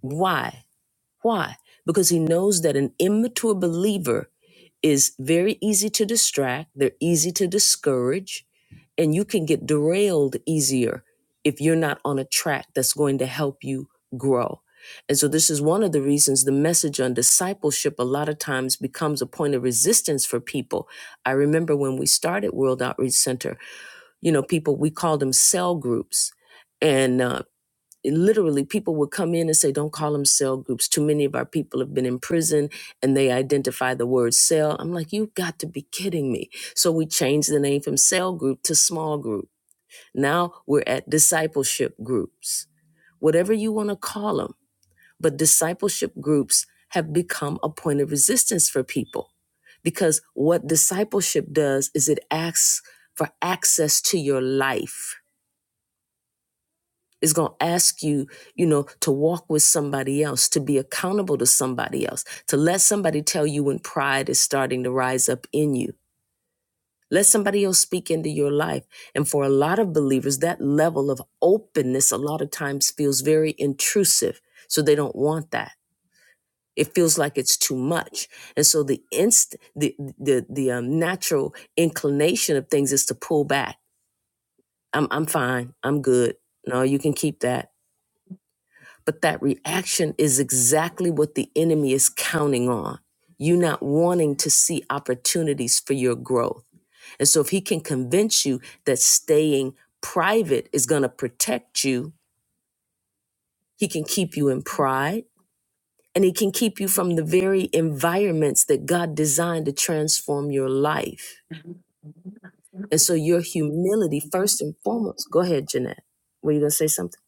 Speaker 1: Why? Why? Because he knows that an immature believer is very easy to distract, they're easy to discourage, and you can get derailed easier if you're not on a track that's going to help you grow. And so, this is one of the reasons the message on discipleship a lot of times becomes a point of resistance for people. I remember when we started World Outreach Center, you know, people, we called them cell groups. And uh, literally people would come in and say don't call them cell groups too many of our people have been in prison and they identify the word cell i'm like you have got to be kidding me so we changed the name from cell group to small group now we're at discipleship groups whatever you want to call them but discipleship groups have become a point of resistance for people because what discipleship does is it asks for access to your life is going to ask you, you know, to walk with somebody else, to be accountable to somebody else, to let somebody tell you when pride is starting to rise up in you. Let somebody else speak into your life. And for a lot of believers, that level of openness a lot of times feels very intrusive. So they don't want that. It feels like it's too much. And so the inst the the the um, natural inclination of things is to pull back. I'm I'm fine. I'm good. No, you can keep that. But that reaction is exactly what the enemy is counting on. You not wanting to see opportunities for your growth. And so, if he can convince you that staying private is going to protect you, he can keep you in pride and he can keep you from the very environments that God designed to transform your life. And so, your humility, first and foremost, go ahead, Jeanette. Were you going to say something?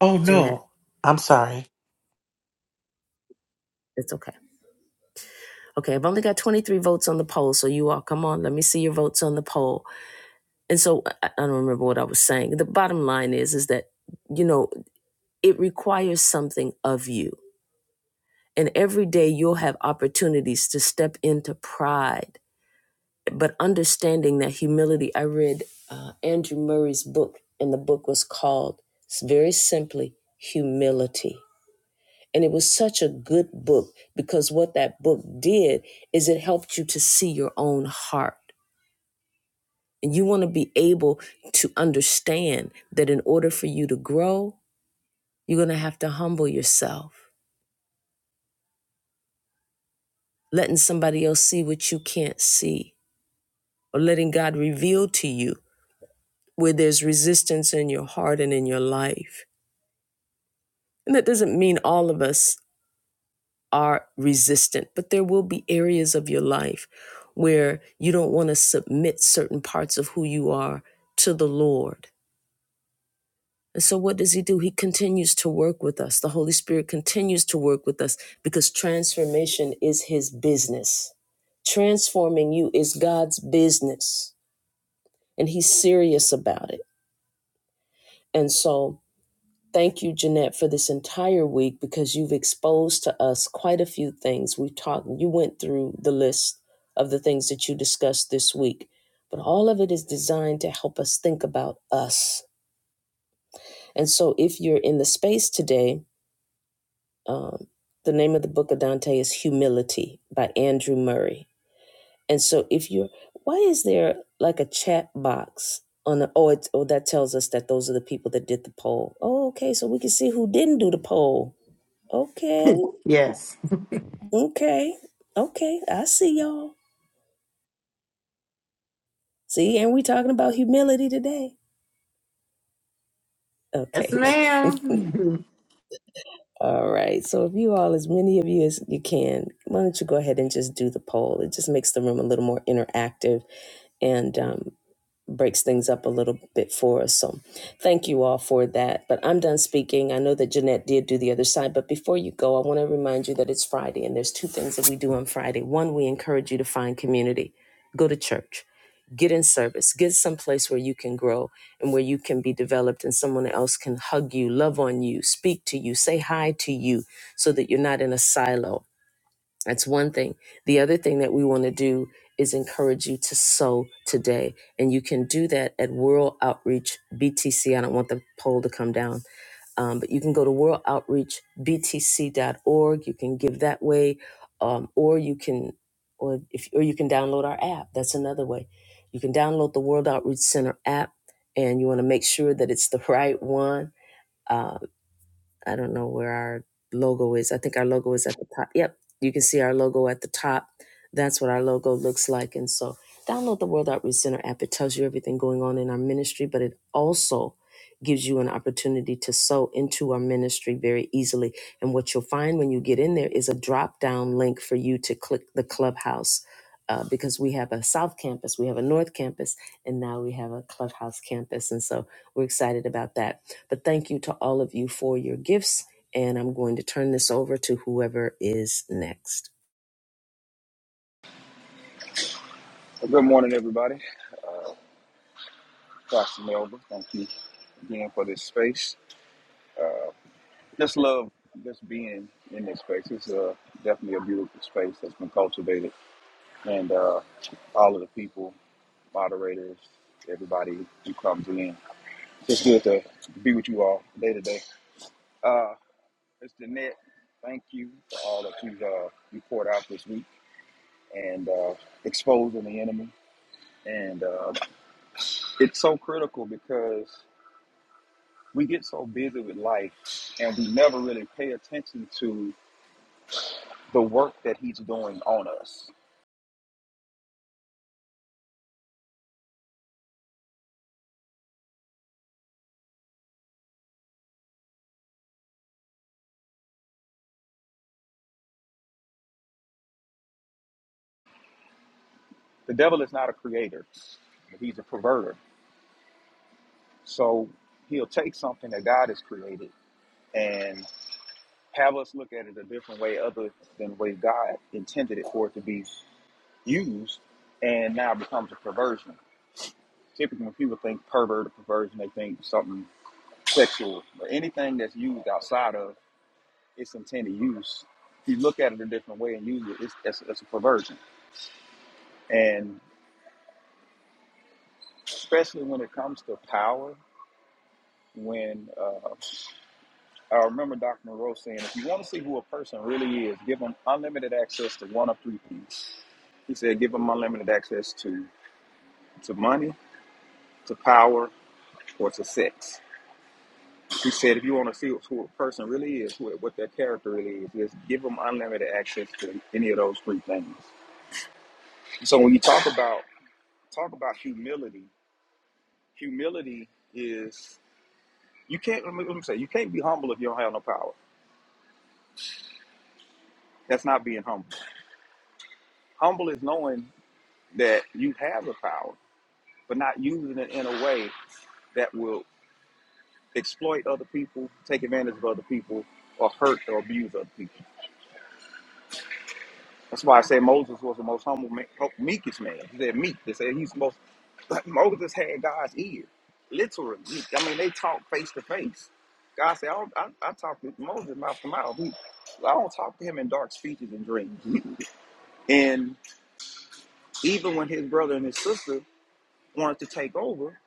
Speaker 4: Oh,
Speaker 1: Jeanette,
Speaker 4: no. I'm sorry.
Speaker 1: it's okay. Okay, I've only got 23 votes on the poll, so you all come on, let me see your votes on the poll. And so I I don't remember what I was saying. The bottom line is is that you know, it requires something of you. And every day you'll have opportunities to step into pride, but understanding that humility. I read uh, Andrew Murray's book, and the book was called very simply Humility. And it was such a good book because what that book did is it helped you to see your own heart And you want to be able to understand that in order for you to grow, you're going to have to humble yourself, letting somebody else see what you can't see, or letting God reveal to you where there's resistance in your heart and in your life. And that doesn't mean all of us are resistant, but there will be areas of your life where you don't want to submit certain parts of who you are to the Lord And so, what does he do? He continues to work with us. The Holy Spirit continues to work with us because transformation is his business. Transforming you is God's business, and he's serious about it. And so, thank you, Jeanette, for this entire week because you've exposed to us quite a few things. We've talked, you went through the list of the things that you discussed this week, but all of it is designed to help us think about us. And so, if you're in the space today, Um, the name of the book of Dante is Humility by Andrew Murray. And so, if you're, why is there like a chat box on the, oh, it's, oh, that tells us that those are the people that did the poll. Oh, okay. So we can see who didn't do the poll. Okay.
Speaker 2: Yes.
Speaker 1: Okay. Okay. I see y'all. See, and we talking about humility today.
Speaker 2: Yes,
Speaker 1: Okay.
Speaker 2: ma'am.
Speaker 1: all right. So if you all, as many of you as you can, why don't you go ahead and just do the poll? It just makes the room a little more interactive and um, breaks things up a little bit for us. So thank you all for that. But I'm done speaking. I know that Jeanette did do the other side, but before you go, I want to remind you that it's Friday and there's two things that we do on Friday. One, we encourage you to find community, go to church, get in service, get someplace where you can grow and where you can be developed and someone else can hug you, love on you, speak to you, say hi to you so that you're not in a silo that's one thing. The other thing that we want to do is encourage you to sow today. And you can do that at World Outreach BTC. I don't want the poll to come down. Um, but you can go to World Outreach BTC dot org. You can give that way, um, or you can, or if, or you can download our app. That's another way. You can download the World Outreach Center app, and you want to make sure that it's the right one. uh, I don't know where our logo is. I think our logo is at the top. Yep, you can see our logo at the top. That's what our logo looks like. And so, download the World Outreach Center app. It tells you everything going on in our ministry, but it also gives you an opportunity to sow into our ministry very easily. And what you'll find when you get in there is a drop down link for you to click the clubhouse. Uh, because we have a South Campus, we have a North Campus, and now we have a Clubhouse Campus. And so we're excited about that. But thank you to all of you for your gifts. And I'm going to turn this over to whoever is next.
Speaker 5: Well, Good morning, everybody. Pastor Melba, thank you again for this space. Just love just being in this space. It's uh, definitely a beautiful space that's been cultivated, and uh, all of the people, moderators, everybody who comes in. It's just good to be with you all day to day. Uh, Mr. Net, thank you for all that you've uh, you poured out this week and uh, exposing the enemy. And uh, it's so critical because we get so busy with life and we never really pay attention to the work that he's doing on us. The devil is not a creator, he's a perverter. So he'll take something that God has created and have us look at it a different way other than the way God intended it for it to be used and now becomes a perversion. Typically when people think pervert or perversion, they think something sexual but anything that's used outside of its intended use. You look at it a different way and use it. It's that's, that's a perversion, and especially when it comes to power. When uh, I remember Dr. Monroe saying, if you want to see who a person really is, give them unlimited access to one of three things. He said, give them unlimited access to to money, to power, or to sex. He said, if you want to see who a person really is, who, what their character really is, is give them unlimited access to any of those three things. So when you talk about talk about humility humility is you can't let me, say you can't be humble if you don't have no power. That's not being humble. Humble is knowing that you have the power, but not using it in a way that will exploit other people, take advantage of other people, or hurt or abuse other people. That's why I say Moses was the most humble, man, meekest man. He said meek. They said he's the most But Moses had God's ear, literally. I mean, they talked face to face. God said, I, don't, I, I talked to Moses mouth to mouth. He, I don't talk to him in dark speeches and dreams. And even when his brother and his sister wanted to take over,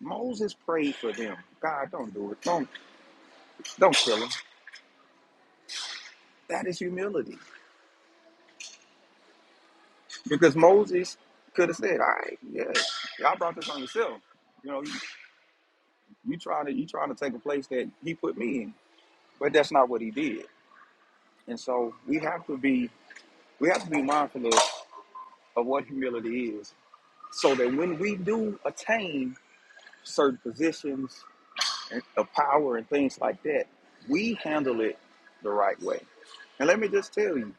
Speaker 5: Moses prayed for them. God, don't do it. Don't don't kill him. That is humility. Because Moses could have said, All right, yeah, y'all brought this on yourself. You know, you, you trying to you trying to take a place that he put me in. But that's not what he did. And so we have to be We have to be mindful of, of what humility is so that when we do attain certain positions of power and things like that, we handle it the right way. And let me just tell you,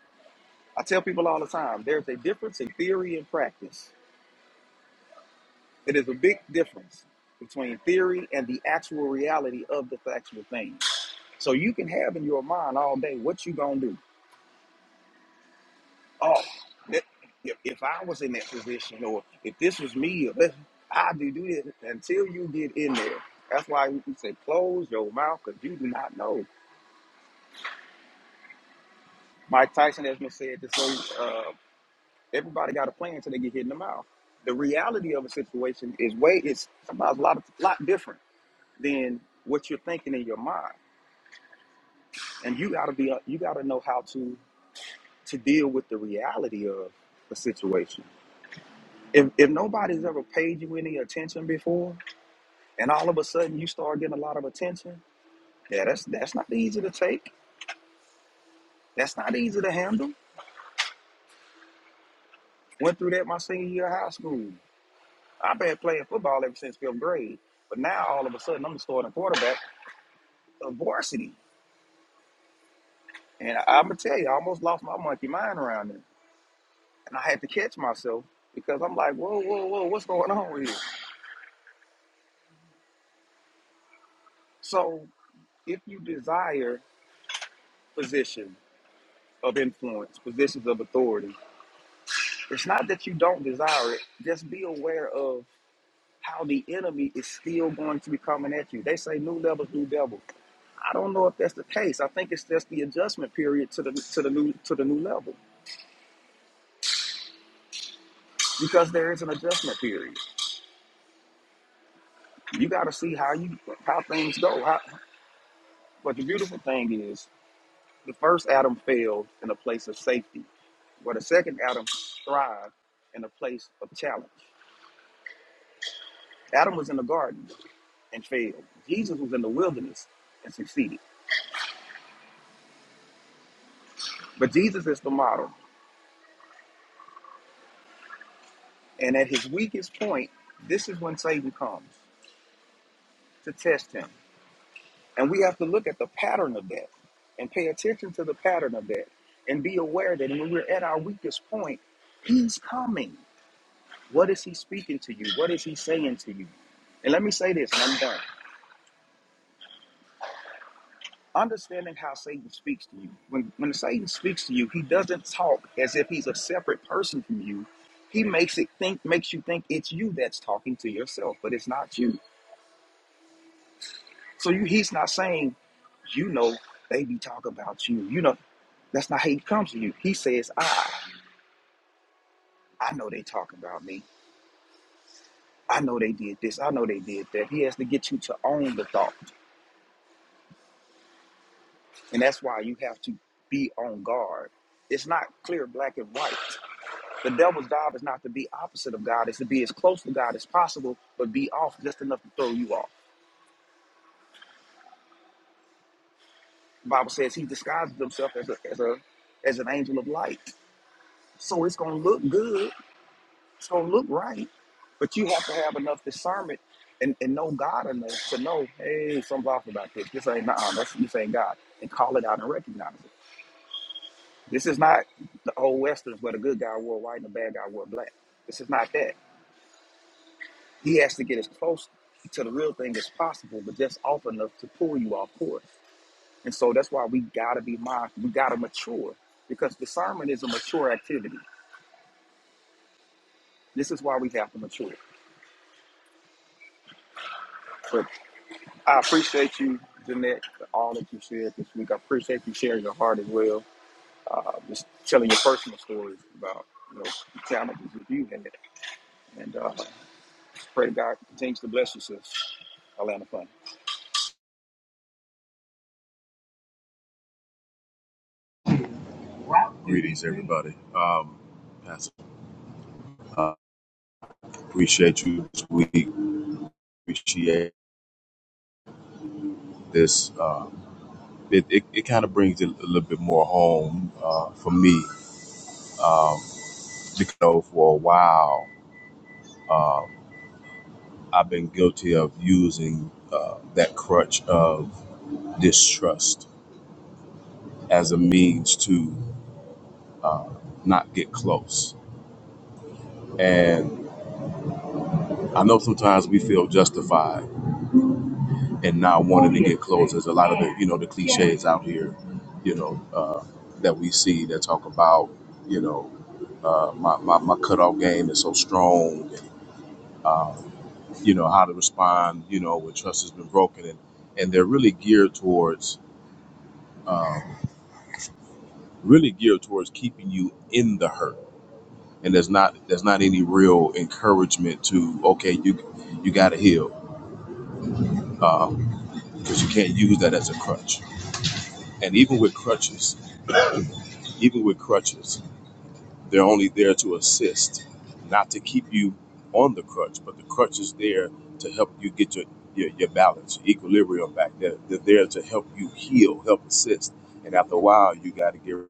Speaker 5: I tell people all the time there's a difference in theory and practice. It is a big difference between theory and the actual reality of the factual thing. So you can have in your mind all day what you going to do. oh, that, if, if I was in that position or if this was me, or this, I do do this until you get in there. That's why we say close your mouth because you do not know. Mike Tyson has been said to say uh, everybody got a plan until they get hit in the mouth. The reality of a situation is way it's sometimes a lot lot different than what you're thinking in your mind, and you gotta be uh, you gotta know how to to deal with the reality of a situation. If if nobody's ever paid you any attention before, and all of a sudden you start getting a lot of attention. Yeah, that's that's not easy to take. That's not easy to handle. Went through that my senior year of high school. I've been playing football ever since fifth grade. But now all of a sudden I'm the starting quarterback of varsity. And I'm gonna tell you, I almost lost my monkey mind around it. And I had to catch myself because I'm like, whoa, whoa, whoa, what's going on here? So if you desire position of influence, positions of authority, it's not that you don't desire it. Just be aware of how the enemy is still going to be coming at you. They say new levels, new devil. I don't know if that's the case. I think it's just the adjustment period to the to the new to the new level because there is an adjustment period. You got to see how you how things go. How, but the beautiful thing is, the first Adam failed in a place of safety, where the second Adam thrived in a place of challenge. Adam was in the garden and failed. Jesus was in the wilderness and succeeded. But Jesus is the model. And at his weakest point, this is when Satan comes to test him. And we have to look at the pattern of that and pay attention to the pattern of that and be aware that when we're at our weakest point, he's coming. What is he speaking to you? What is he saying to you? And let me say this, and I'm done. Understanding how Satan speaks to you. When, when Satan speaks to you, he doesn't talk as if he's a separate person from you. He makes it think makes you think it's you that's talking to yourself, but it's not you. So you, he's not saying, you know, they be talking about you. You know, that's not how he comes to you. He says, I, I know they talking about me. I know they did this. I know they did that. He has to get you to own the thought. And that's why you have to be on guard. It's not clear black and white. The devil's job is not to be opposite of God, it's to be as close to God as possible, but be off just enough to throw you off. The Bible says he disguises himself as a as a as an angel of light. So it's gonna look good So look right, but you have to have enough discernment and, and know God enough to know, hey, something's off about this. This ain't nah, that's this ain't God, and call it out and recognize it. This is not the old westerns where the good guy wore white and the bad guy wore black. This is not that. He has to get as close to the real thing as possible, but just off enough to pull you off course. And so that's why we gotta be mindful. We gotta mature because discernment is a mature activity. This is why we have to mature. But. I appreciate you, Jeanette, for all that you said this week. I appreciate you sharing your heart as well. Uh, just telling your personal stories about you know the challenges that you had, and uh, pray God continues to bless you, sis. Atlanta Fun.
Speaker 6: Greetings, everybody. Um, Pastor, uh, appreciate you this week. Appreciate this. Uh, it it, it kind of brings it a little bit more home uh, for me. Um, because you know, for a while, uh, I've been guilty of using uh, that crutch of distrust as a means to uh, not get close. And I know sometimes we feel justified and not wanting to get close. There's a lot of the you know the cliches out here, you know, uh, that we see that talk about you know uh, my, my my cutoff game is so strong, and uh, you know how to respond, you know, when trust has been broken, and and they're really geared towards uh, really geared towards keeping you in the hurt. And there's not there's not any real encouragement to okay you you got to heal um, because you can't use that as a crutch. And even with crutches, even with crutches. They're only there to assist, not to keep you on the crutch, but the crutch is there to help you get your your, your balance, your equilibrium back. They're, they're there to help you heal, help assist. And after a while, you got to get. rid.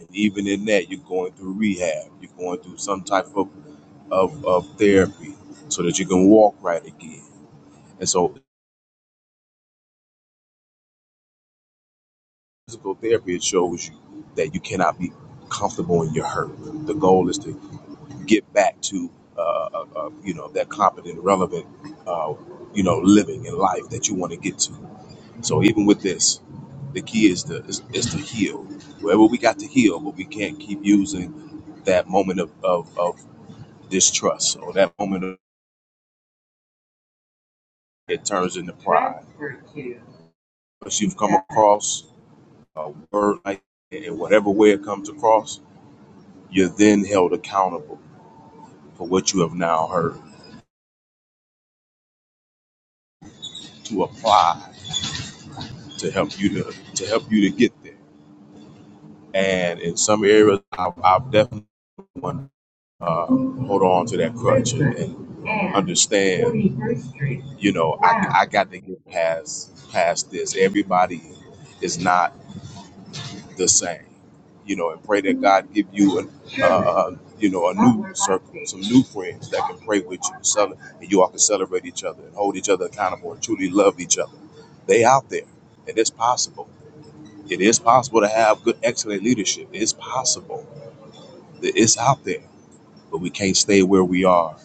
Speaker 6: And even in that, you're going through rehab. You're going through some type of of, of therapy so that you can walk right again. And so, physical therapy it shows you that you cannot be comfortable in your hurt. The goal is to get back to uh, uh, uh, you know that competent, relevant, uh, you know, living in life that you want to get to. So even with this, the key is to is, is to heal. Wherever we got to heal, but we can't keep using that moment of, of, of distrust or that moment of, it turns into pride. Once you've come across a word like that, in whatever way it comes across, you're then held accountable for what you have now heard to apply to help you to to help you to get there. And in some areas, I've, I've definitely want to uh, hold on to that crutch and, and understand. You know, I, I got to get past past this. Everybody is not the same. You know, and pray that God give you a uh, uh, you know, a new circle, some new friends that can pray with you, cele- and you all can celebrate each other and hold each other accountable and truly love each other. They out there, and it's possible it is possible to have good, excellent leadership. It's possible. It's out there, but we can't stay where we are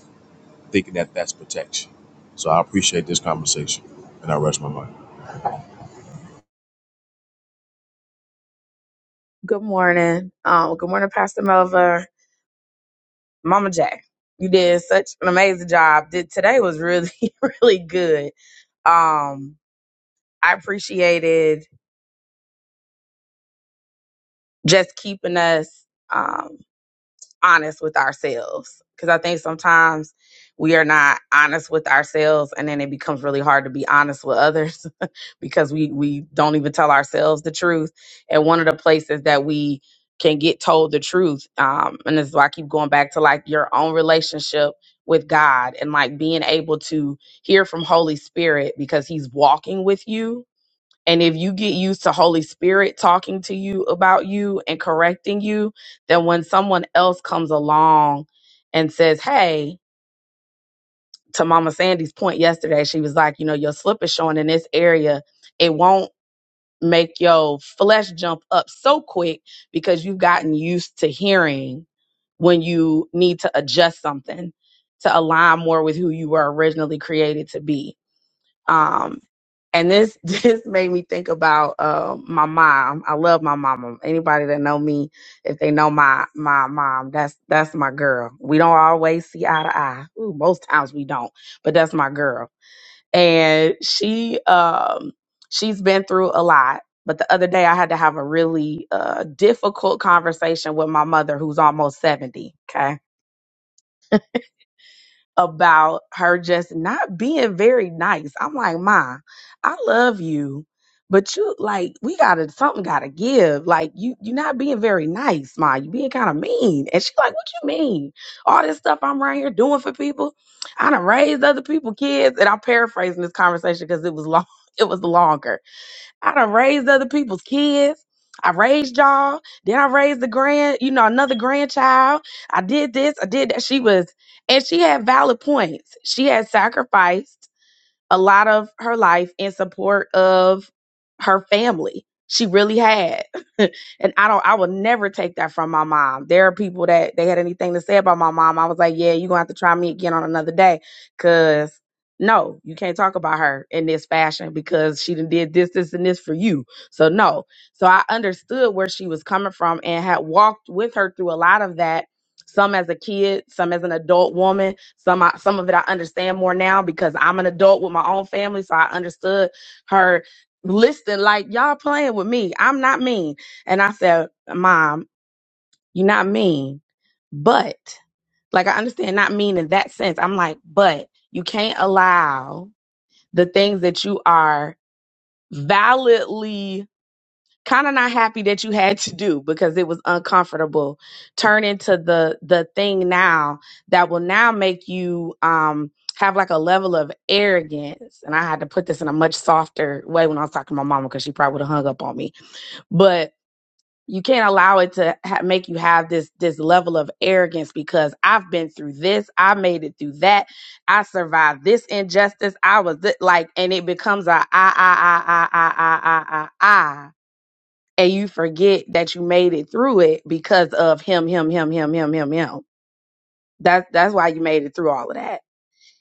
Speaker 6: thinking that that's protection. So I appreciate this conversation, and I rest my mind.
Speaker 7: Good morning. Um, good morning, Pastor Melva. Mama J. You did such an amazing job. Did today was really, really good. Um, I appreciated just keeping us. um, honest with ourselves because I think sometimes we are not honest with ourselves and then it becomes really hard to be honest with others because we we don't even tell ourselves the truth. And one of the places that we can get told the truth um and this is why I keep going back to like your own relationship with God and like being able to hear from Holy Spirit because he's walking with you and if you get used to Holy Spirit talking to you about you and correcting you, then when someone else comes along and says, Hey, to Mama Sandy's point yesterday, she was like, You know, your slip is showing in this area. It won't make your flesh jump up so quick because you've gotten used to hearing when you need to adjust something to align more with who you were originally created to be. Um, and this this made me think about uh, my mom. I love my mama. Anybody that know me, if they know my my mom, that's that's my girl. We don't always see eye to eye. Ooh, most times we don't, but that's my girl. And she um she's been through a lot. But the other day I had to have a really uh, difficult conversation with my mother, who's almost seventy. Okay about her just not being very nice. I'm like, Ma, I love you, but you like we gotta something gotta give. Like you you're not being very nice, Ma. You being kind of mean. And she like, What you mean? All this stuff I'm right here doing for people. I done raised other people kids. And I'm paraphrasing this conversation because it was long, it was longer I done raised other people's kids. I raised y'all. Then I raised the grand, you know, another grandchild. I did this. I did that. She was, and she had valid points. She had sacrificed a lot of her life in support of her family. She really had. and I don't I will never take that from my mom. There are people that they had anything to say about my mom. I was like, yeah, you're gonna have to try me again on another day. Cause no, you can't talk about her in this fashion because she done did this, this, and this for you. So no. So I understood where she was coming from and had walked with her through a lot of that some as a kid, some as an adult woman. Some I, some of it I understand more now because I'm an adult with my own family, so I understood her listing like y'all playing with me. I'm not mean, and I said, "Mom, you're not mean, but like I understand not mean in that sense. I'm like, but you can't allow the things that you are validly." kind of not happy that you had to do because it was uncomfortable turn into the the thing now that will now make you um have like a level of arrogance and i had to put this in a much softer way when i was talking to my mama because she probably would have hung up on me but you can't allow it to ha- make you have this this level of arrogance because i've been through this i made it through that i survived this injustice i was th- like and it becomes a i i i i i i i i i and you forget that you made it through it because of him, him, him, him, him, him, him. That's that's why you made it through all of that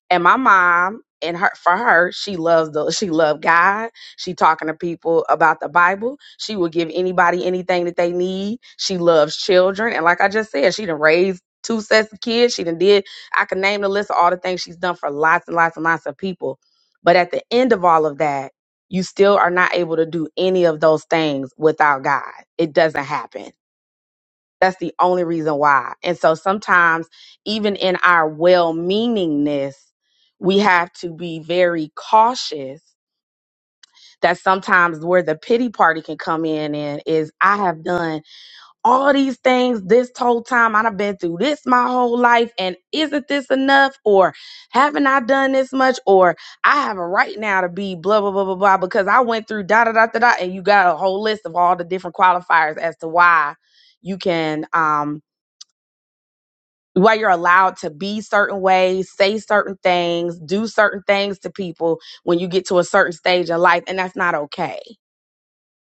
Speaker 7: and my mom and her for her she loved the she loved god she talking to people about the bible she will give anybody anything that they need she loves children and like i just said she done raised two sets of kids she done did i can name the list of all the things she's done for lots and lots and lots of people but at the end of all of that you still are not able to do any of those things without god it doesn't happen that's the only reason why. And so sometimes, even in our well meaningness, we have to be very cautious. That sometimes where the pity party can come in and is I have done all these things this whole time. I've been through this my whole life. And isn't this enough? Or haven't I done this much? Or I have a right now to be blah, blah, blah, blah, blah, because I went through da, da, da, da, da. And you got a whole list of all the different qualifiers as to why you can, um, where you're allowed to be certain ways, say certain things, do certain things to people when you get to a certain stage in life. And that's not okay.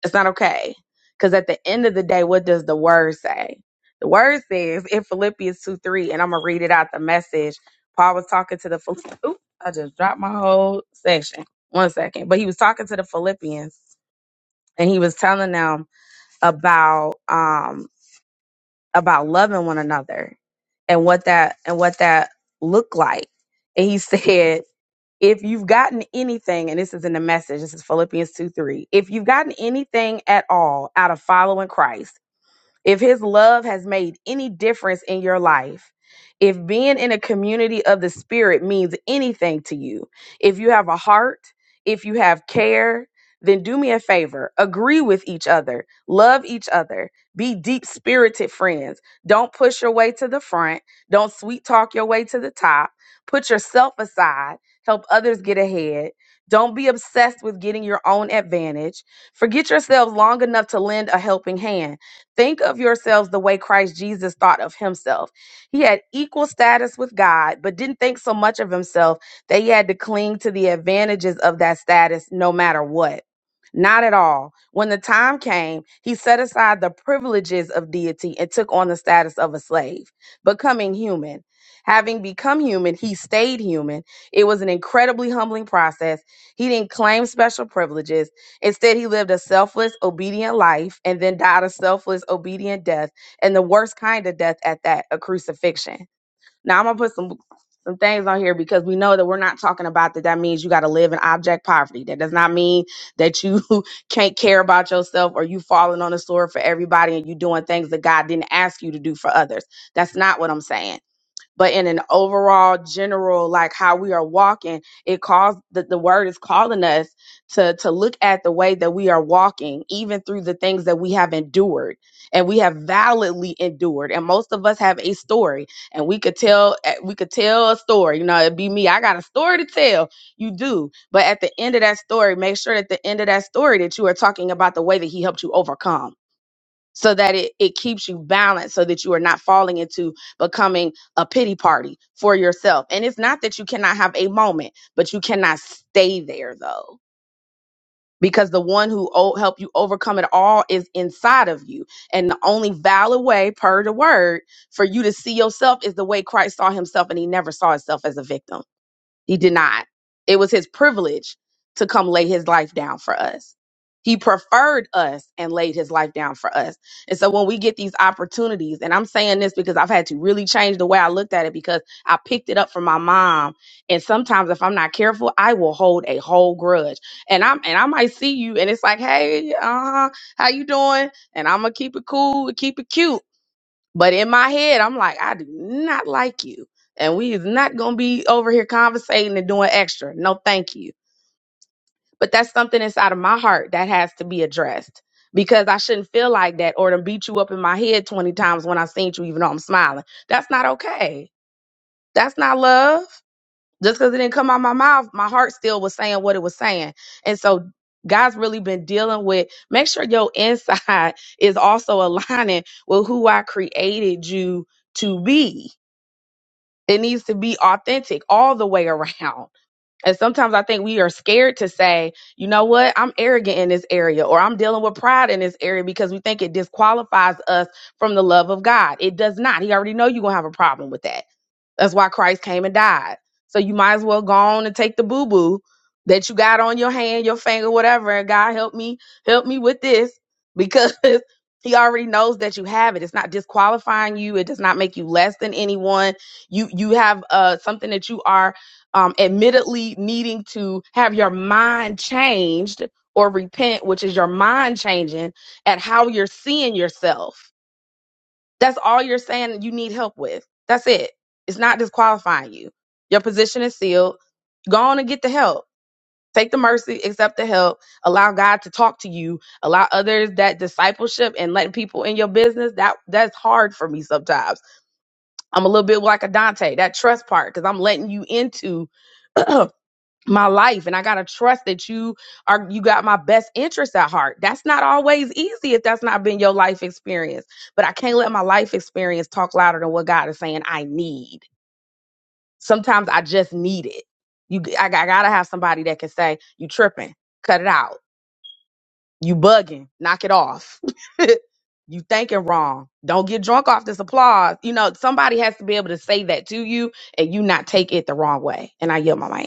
Speaker 7: It's not okay. Because at the end of the day, what does the word say? The word says in Philippians 2 3, and I'm going to read it out the message. Paul was talking to the, Phil- oop, I just dropped my whole section. One second. But he was talking to the Philippians and he was telling them about, um about loving one another and what that and what that looked like. And he said, if you've gotten anything, and this is in the message, this is Philippians 2 3. If you've gotten anything at all out of following Christ, if his love has made any difference in your life, if being in a community of the spirit means anything to you, if you have a heart, if you have care, then do me a favor. Agree with each other. Love each other. Be deep spirited friends. Don't push your way to the front. Don't sweet talk your way to the top. Put yourself aside. Help others get ahead. Don't be obsessed with getting your own advantage. Forget yourselves long enough to lend a helping hand Think of yourselves the way Christ Jesus thought of himself. He had equal status with God, but didn't think so much of himself that he had to cling to the advantages of that status no matter what. Not at all. When the time came, he set aside the privileges of deity and took on the status of a slave, becoming human. Having become human, he stayed human. It was an incredibly humbling process. He didn't claim special privileges. Instead, he lived a selfless, obedient life and then died a selfless, obedient death, and the worst kind of death at that, a crucifixion. Now, I'm going to put some some things on here because we know that we're not talking about that that means you got to live in object poverty. That does not mean that you can't care about yourself or you falling on the sword for everybody and you doing things that God didn't ask you to do for others. That's not what I'm saying but in an overall general like how we are walking it calls that the word is calling us to to look at the way that we are walking even through the things that we have endured and we have validly endured and most of us have a story and we could tell eh, we could tell a story you know it'd be me i got a story to tell you do but at the end of that story make sure at the end of that story that you are talking about the way that he helped you overcome so that it, it keeps you balanced so that you are not falling into becoming a pity party for yourself. And it's not that you cannot have a moment, but you cannot stay there though. Because the one who o- help you overcome it all is inside of you, and the only valid way, per the word, for you to see yourself is the way Christ saw Himself, and He never saw Himself as a victim. He did not. It was his privilege to come lay his life down for us. He preferred us and laid his life down for us. And so when we get these opportunities, and I'm saying this because I've had to really change the way I looked at it because I picked it up from my mom. And sometimes if I'm not careful, I will hold a whole grudge. And I'm and I might see you and it's like, hey, uh, how you doing? And I'm gonna keep it cool, keep it cute but in my head, I'm like, I do not like you. And we is not gonna be over here conversating and doing extra. No, thank you. But that's something inside of my heart that has to be addressed because I shouldn't feel like that or to beat you up in my head 20 times when I seen you, even though I'm smiling. That's not okay. That's not love. Just because it didn't come out my mouth, my heart still was saying what it was saying. And so God's really been dealing with make sure your inside is also aligning with who I created you to be it needs to be authentic all the way around. And sometimes I think we are scared to say, you know what, I'm arrogant in this area or I'm dealing with pride in this area because we think it disqualifies us from the love of God. It does not. He already know you're going to have a problem with that. That's why Christ came and died. So you might as well go on and take the boo boo that you got on your hand, your finger, whatever. And God help me, help me with this because he already knows that you have it. It's not disqualifying you. It does not make you less than anyone. You you have uh something that you are um, admittedly needing to have your mind changed or repent, which is your mind changing at how you're seeing yourself. That's all you're saying that you need help with. That's it. It's not disqualifying you. Your position is sealed. Go on and get the help. Take the mercy, accept the help, allow God to talk to you, allow others that discipleship and letting people in your business. That that's hard for me sometimes. I'm a little bit like a Dante, that trust part, because I'm letting you into my life and I got to trust that you are you got my best interest at heart. That's not always easy if that's not been your life experience. But I can't let my life experience talk louder than what God is saying I need. Sometimes I just need it. You I, I got to have somebody that can say you tripping, cut it out. You bugging, knock it off. you thinking wrong. Don't get drunk off this applause. You know, somebody has to be able to say that to you and you not take it the wrong way. And I yell my mic.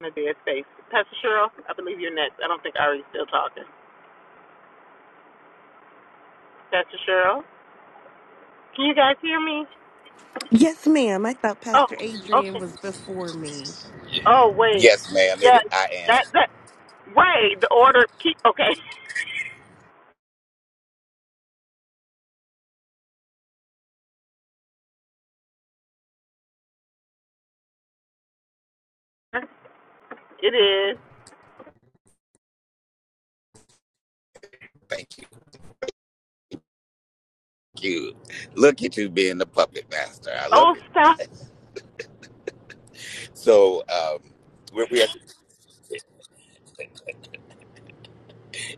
Speaker 2: in a dead space. Pastor Cheryl, I believe you're next. I don't think Ari's still talking. Pastor Cheryl, can you guys hear me?
Speaker 8: Yes, ma'am. I thought
Speaker 2: Oh,
Speaker 8: Pastor Adrian
Speaker 2: okay.
Speaker 8: was before me.
Speaker 2: Oh, wait.
Speaker 9: Yes, ma'am.
Speaker 2: Yes,
Speaker 9: It, I am.
Speaker 2: that that wait. The order keep okay. It is.
Speaker 9: Thank you. You look at you being the puppet master. I love
Speaker 2: Oh,
Speaker 9: it. So um, we we have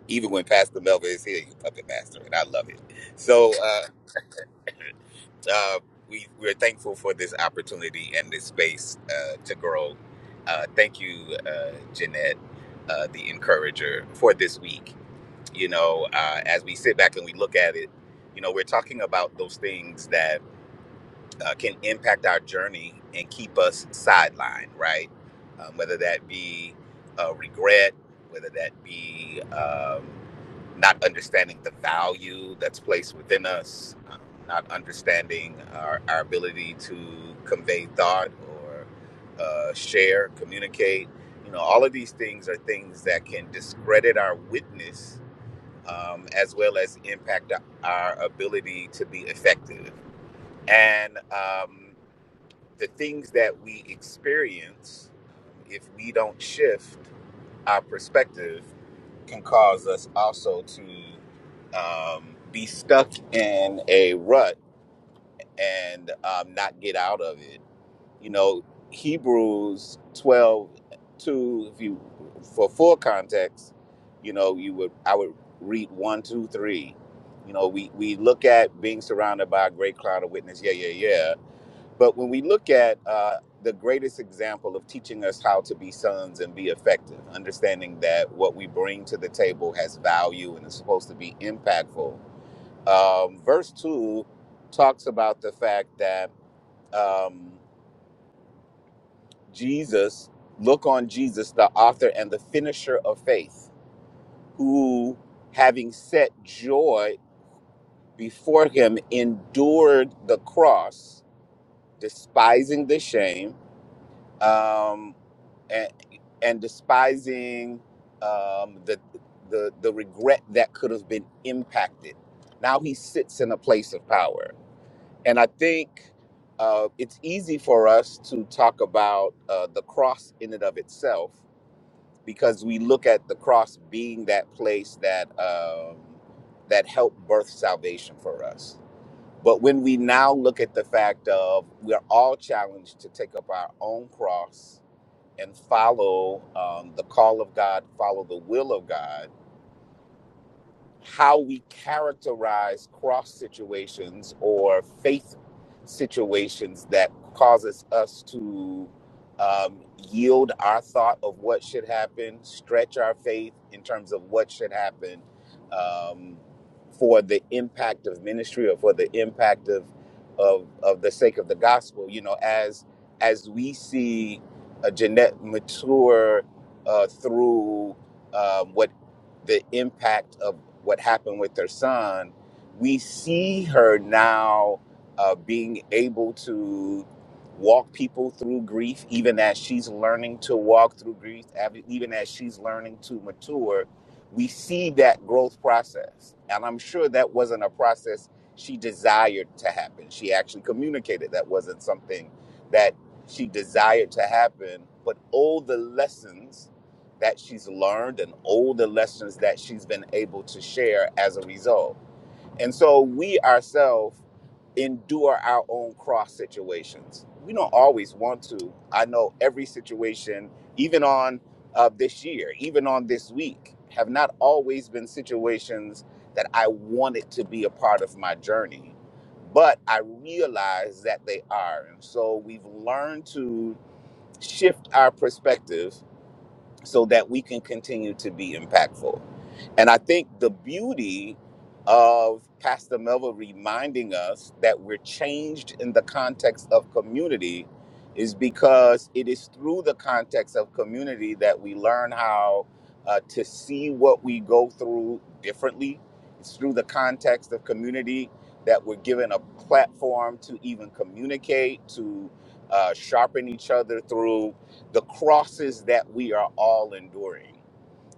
Speaker 9: even when Pastor Melvin is here, you puppet master, and I love it. So uh, uh, we we're thankful for this opportunity and this space uh, to grow. Uh, thank you, uh, Jeanette, uh, the encourager, for this week. You know, uh, as we sit back and we look at it, you know, we're talking about those things uh, can impact our journey and keep us sidelined, right? Um, whether that be uh, regret, whether that be um, not understanding the value that's placed within us, um, not understanding our, our ability to convey thought or uh, share, communicate. You know, all of these things are things that can discredit our witness um, as well as impact our ability to be effective and um, the things that we experience, if we don't shift our perspective, can cause us also to um, be stuck in a rut and um, not get out of it. You know, Hebrews 12 2. if you, for full context, you know, you would, I would read one, two, three. You know, we, we look at being surrounded by a great cloud of witness. Yeah, yeah, yeah but when we look at uh, the greatest example of teaching us how to be sons and be effective, understanding that what we bring to the table has value and is supposed to be impactful, um, verse 2 talks about the fact that um, Jesus, look on Jesus, the author and the finisher of faith, who, having set joy before him, endured the cross, despising the shame um, and, and despising um, the, the, the regret that could have been impacted. Now he sits in a place of power. And I think uh, it's easy for us to talk about uh, the cross in and of itself because we look at the cross being that place that, um, that helped birth salvation for us. But when we now look at the fact of we're all challenged to take up our own cross and follow um, the call of God, follow the will of God, how we characterize cross situations or faith situations that causes us to um, yield our thought of what should happen, stretch our faith in terms of what should happen um, for the impact of ministry or for the impact of of of the sake of the gospel. You know, as as we see a Jeanette mature uh, through um, what the impact of what happened with her son, we see her now uh, being able to walk people through grief, even as she's learning to walk through grief, av- even as she's learning to mature. We see that growth process. And I'm sure that wasn't a process she desired to happen. She actually communicated that wasn't something that she desired to happen. But all the lessons that she's learned and all the lessons that she's been able to share as a result. And so we ourselves endure our own cross situations. We don't always want to. I know every situation, even on uh, this year, even on this week, have not always been situations that I wanted to be a part of my journey. But I realize that they are. And so we've learned to shift our perspective so that we can continue to be impactful. And I think the beauty of Pastor Melva reminding us that we're changed in the context of community is because it is through the context of community that we learn how uh, to see what we go through differently. It's through the context of community that we're given a platform to even communicate, to uh, sharpen each other through the crosses that we are all enduring.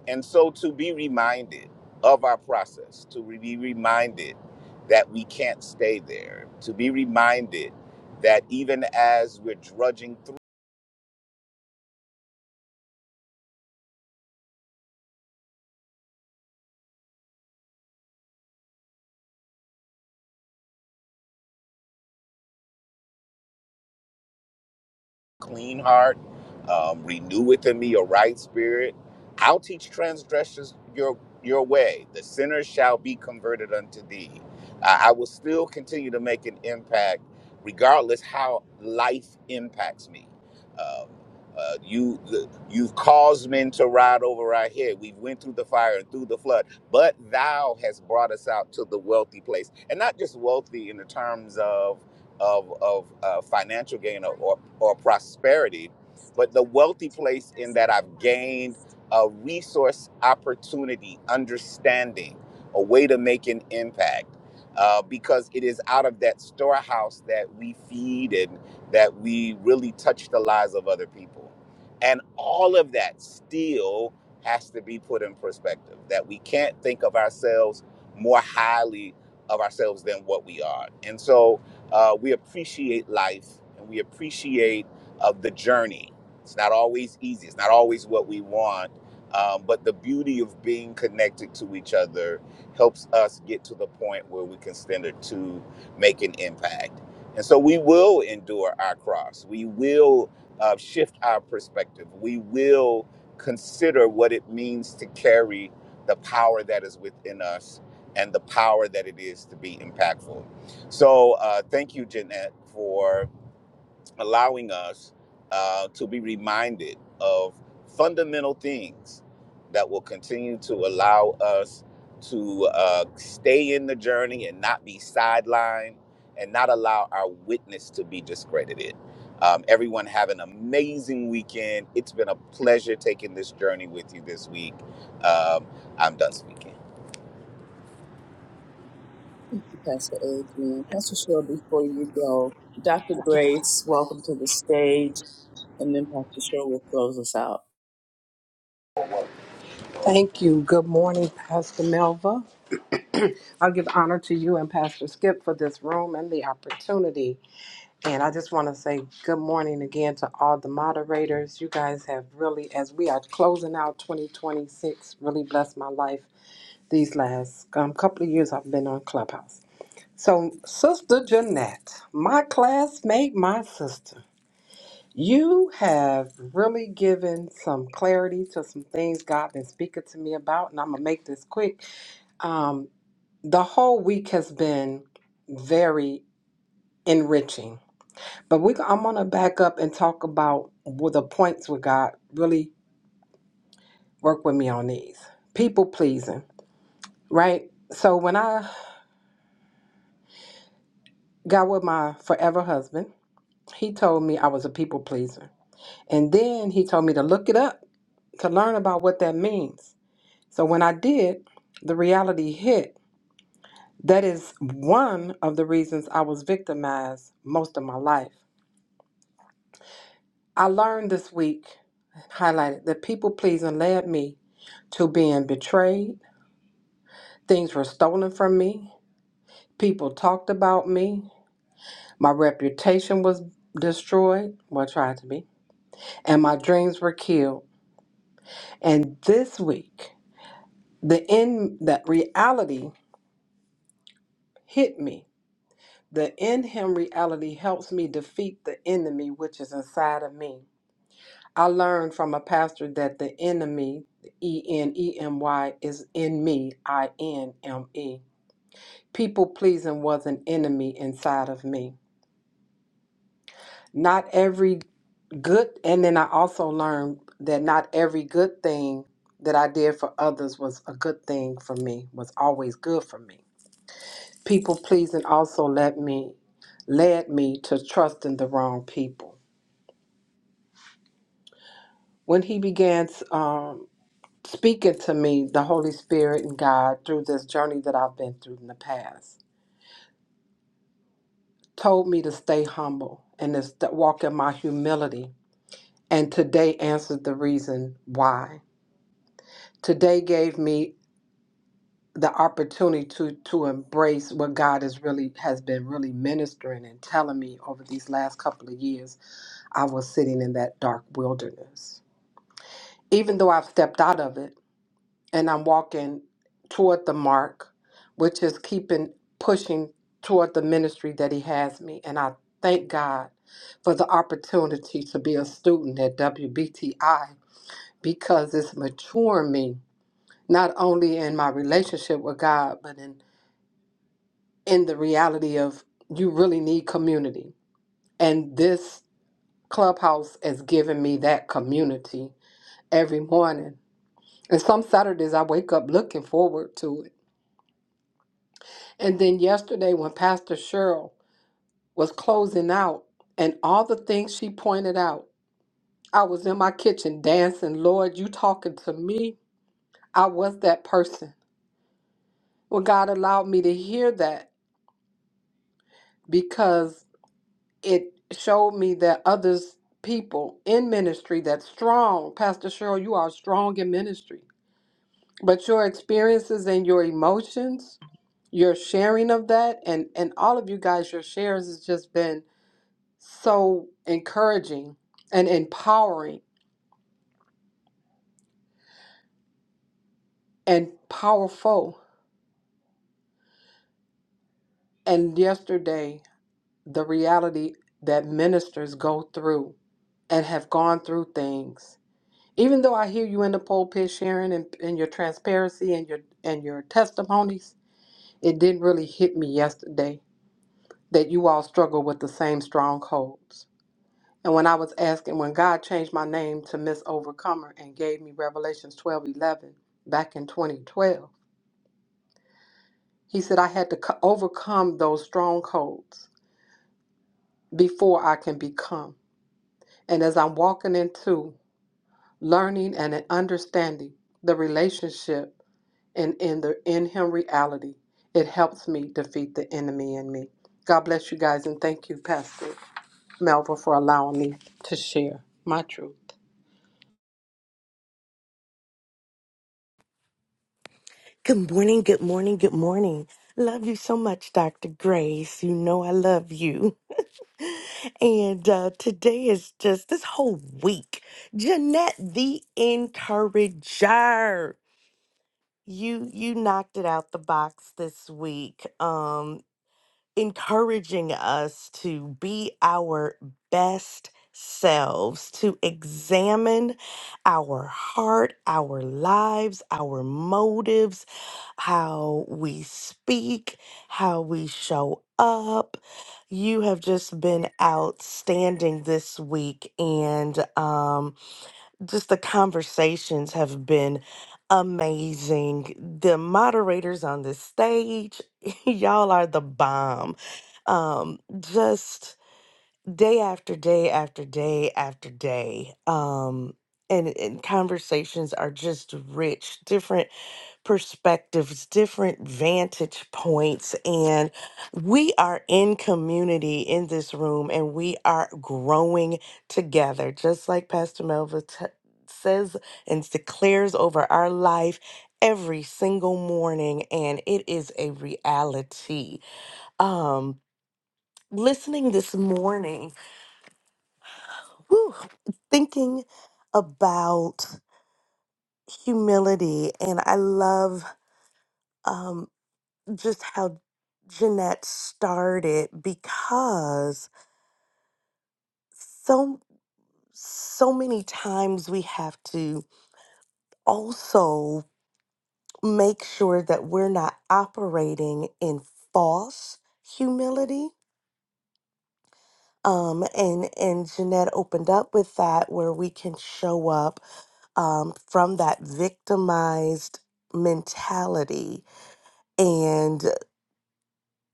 Speaker 9: And so to be reminded of our process, to be reminded that we can't stay there, to be reminded that even as we're drudging through. clean heart, um, renew within me a right spirit. I'll teach transgressors your your way. The sinners shall be converted unto thee. I I will still continue to make an impact, regardless how life impacts me. Um, uh, you the, you've caused men to ride over our head. We've went through the fire and through the flood, but Thou has brought us out to the wealthy place, and not just wealthy in the terms of of, of uh, financial gain or, or, or prosperity, but the wealthy place in that I've gained a resource opportunity, understanding, a way to make an impact. Uh, because it is out of that storehouse that we feed and that we really touch the lives of other people. And all of that still has to be put in perspective that we can't think of ourselves more highly of ourselves than what we are. And so, uh, we appreciate life and we appreciate uh, the journey. It's not always easy. It's not always what we want. Um, but the beauty of being connected to each other helps us get to the point where we can stand it to make an impact. And so we will endure our cross. We will uh, shift our perspective. We will consider what it means to carry the power that is within us and the power that it is to be impactful. So uh, thank you, Jeanette, for allowing us uh, to be reminded of fundamental things that will continue to allow us to uh, stay in the journey and not be sidelined and not allow our witness to be discredited. Um, everyone have an amazing weekend. It's been a pleasure taking this journey with you this week. Um, I'm done speaking.
Speaker 1: Pastor Adrian. Pastor Cheryl, before you go, Dr.
Speaker 8: Yes, ma'am.
Speaker 1: Grace, welcome to the stage. And then Pastor Cheryl will close us out.
Speaker 10: Thank you. Good morning, Pastor Melva. I'll give honor to you and Pastor Skip for this room and the opportunity. And I just want to say good morning again to all the moderators. You guys have really, as we are closing out 2026, really blessed my life these last um, couple of years I've been on Clubhouse. So, Sister Jeanette, my classmate, my sister, you have really given some clarity to some things God been speaking to me about, and I'm gonna make this quick um, the whole week has been very enriching, but we I'm gonna back up and talk about what the points with God. Really work with me on these people pleasing, right? So when I got with my forever husband, he told me I was a people pleaser, and then he told me to look it up to learn about what that means. So when I did, the reality hit. That is one of the reasons I was victimized most of my life I learned this week, highlighted, that people pleasing led me to being betrayed. Things were stolen from me. People talked about me. My reputation was destroyed, well, tried to be, and my dreams were killed. And this week, the in that reality hit me. The in him reality helps me defeat the enemy which is inside of me. I learned from a pastor that the enemy, E N E M Y, is in me, I N M E. People pleasing was an enemy inside of me. Not every good, and then I also learned that not every good thing that I did for others was a good thing for me, was always good for me. People pleasing also led me, led me to trusting the wrong people. When he began, um, speaking to me, the Holy Spirit and God, through this journey that I've been through in the past, told me to stay humble and to st- walk in my humility. And today answered the reason why. Today gave me the opportunity to, to embrace what God is really has been really ministering and telling me over these last couple of years. I was sitting in that dark wilderness. Even though I've stepped out of it, and I'm walking toward the mark, which is keeping pushing toward the ministry that He has me. And I thank God for the opportunity to be a student at WBTI because it's maturing me, not only in my relationship with God, but in, in the reality of you really need community. And this clubhouse has given me that community every morning. And some Saturdays I wake up looking forward to it And then yesterday, when Pastor Cheryl was closing out and all the things she pointed out, I was in my kitchen dancing, Lord, you talking to me. I was that person. Well, God allowed me to hear that because it showed me that others, people in ministry that's strong, Pastor Cheryl, you are strong in ministry. But your experiences and your emotions, your sharing of that, and, and all of you guys, your shares has just been so encouraging and empowering and powerful. And yesterday, the reality that ministers go through and have gone through things. Even though I hear you in the pulpit sharing and, and your transparency and your and your testimonies, it didn't really hit me yesterday that you all struggle with the same strongholds. And when I was asking, when God changed my name to Miss Overcomer and gave me Revelations twelve eleven back in 2012, He said, I had to co- overcome those strongholds before I can become. And as I'm walking into learning and understanding the relationship and in the in him reality, it helps me defeat the enemy in me. God bless you guys and thank you, Pastor Melva, for allowing me to share my truth.
Speaker 8: Good morning, good morning, good morning. Love you so much, Dr. Grace. You know I love you. And uh, today is just this whole week. Jeanette the Encourager. You you knocked it out the box this week. Um. encouraging us to be our best selves, to examine our heart, our lives, our motives, how we speak, how we show up. You have just been outstanding this week, and um, just the conversations have been amazing. The moderators on this stage, y'all are the bomb. Um, just day after day after day after day. Um, and, and conversations are just rich, different perspectives, different vantage points, and we are in community in this room and we are growing together, just like Pastor Melva t- says and declares over our life every single morning, and it is a reality. Um, listening this morning, whew, thinking about humility, and I love. um, just how Jeanette started because so so many times we have to also make sure that we're not operating in false humility. Um, and and Jeanette opened up with that where we can show up um, from that victimized mentality and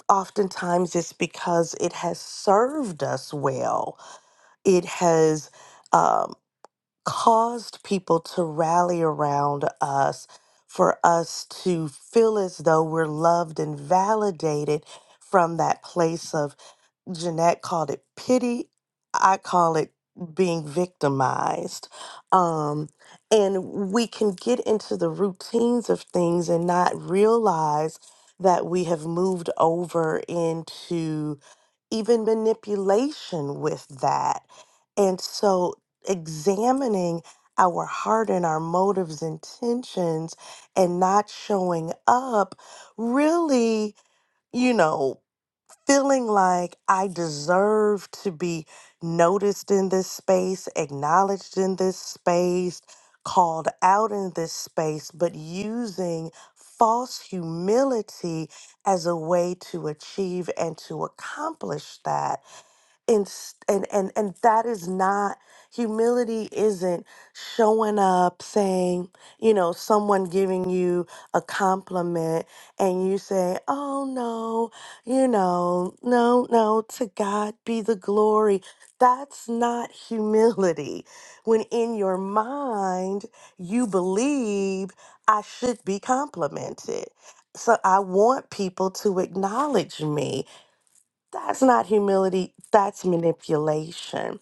Speaker 8: oftentimes it's because it has served us well it has um, caused people to rally around us for us to feel as though we're loved and validated from that place of Jeanette called it pity. I call it being victimized. Um, and we can get into the routines of things and not realize that we have moved over into even manipulation with that. And so examining our heart and our motives, intentions, and not showing up really, you know feeling like I deserve to be noticed in this space, acknowledged in this space, called out in this space, but using false humility as a way to achieve and to accomplish that and s- and and and that is not humility isn't showing up saying you know someone giving you a compliment and you say oh no you know no no to god be the glory that's not humility when in your mind you believe i should be complimented so i want people to acknowledge me that's not humility, that's manipulation.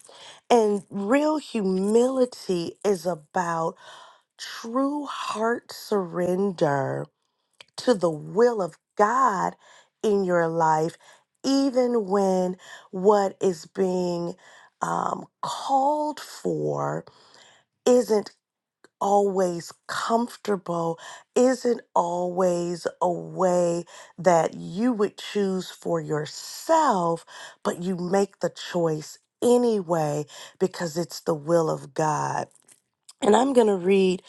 Speaker 8: And real humility is about true heart surrender to the will of God in your life, even when what is being um, called for isn't always comfortable isn't always a way that you would choose for yourself, but you make the choice anyway because it's the will of God. And I'm going to read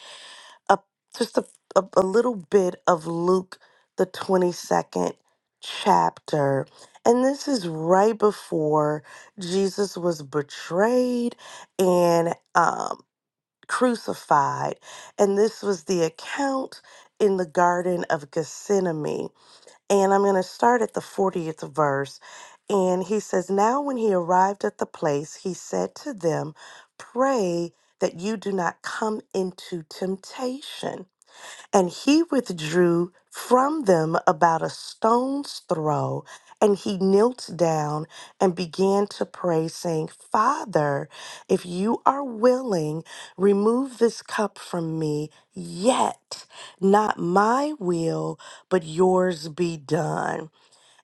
Speaker 8: a, just a, a, a little bit of Luke, the 22nd chapter. And this is right before Jesus was betrayed and um, crucified. And this was the account in the Garden of Gethsemane. And I'm going to start at the 40th verse. And he says, Now when he arrived at the place, he said to them, 'Pray that you do not come into temptation. And he withdrew from them about a stone's throw, and he knelt down and began to pray, saying, Father, if you are willing, remove this cup from me, yet not my will, but yours be done.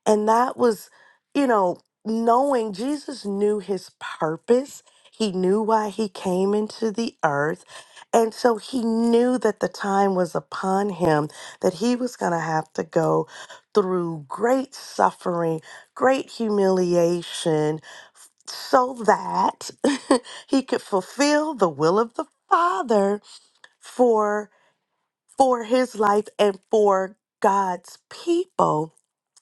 Speaker 8: And that was, you know, knowing Jesus knew his purpose. He knew why he came into the earth. And so he knew that the time was upon him, that he was going to have to go through great suffering, great humiliation, so that he could fulfill the will of the Father for for his life and for God's people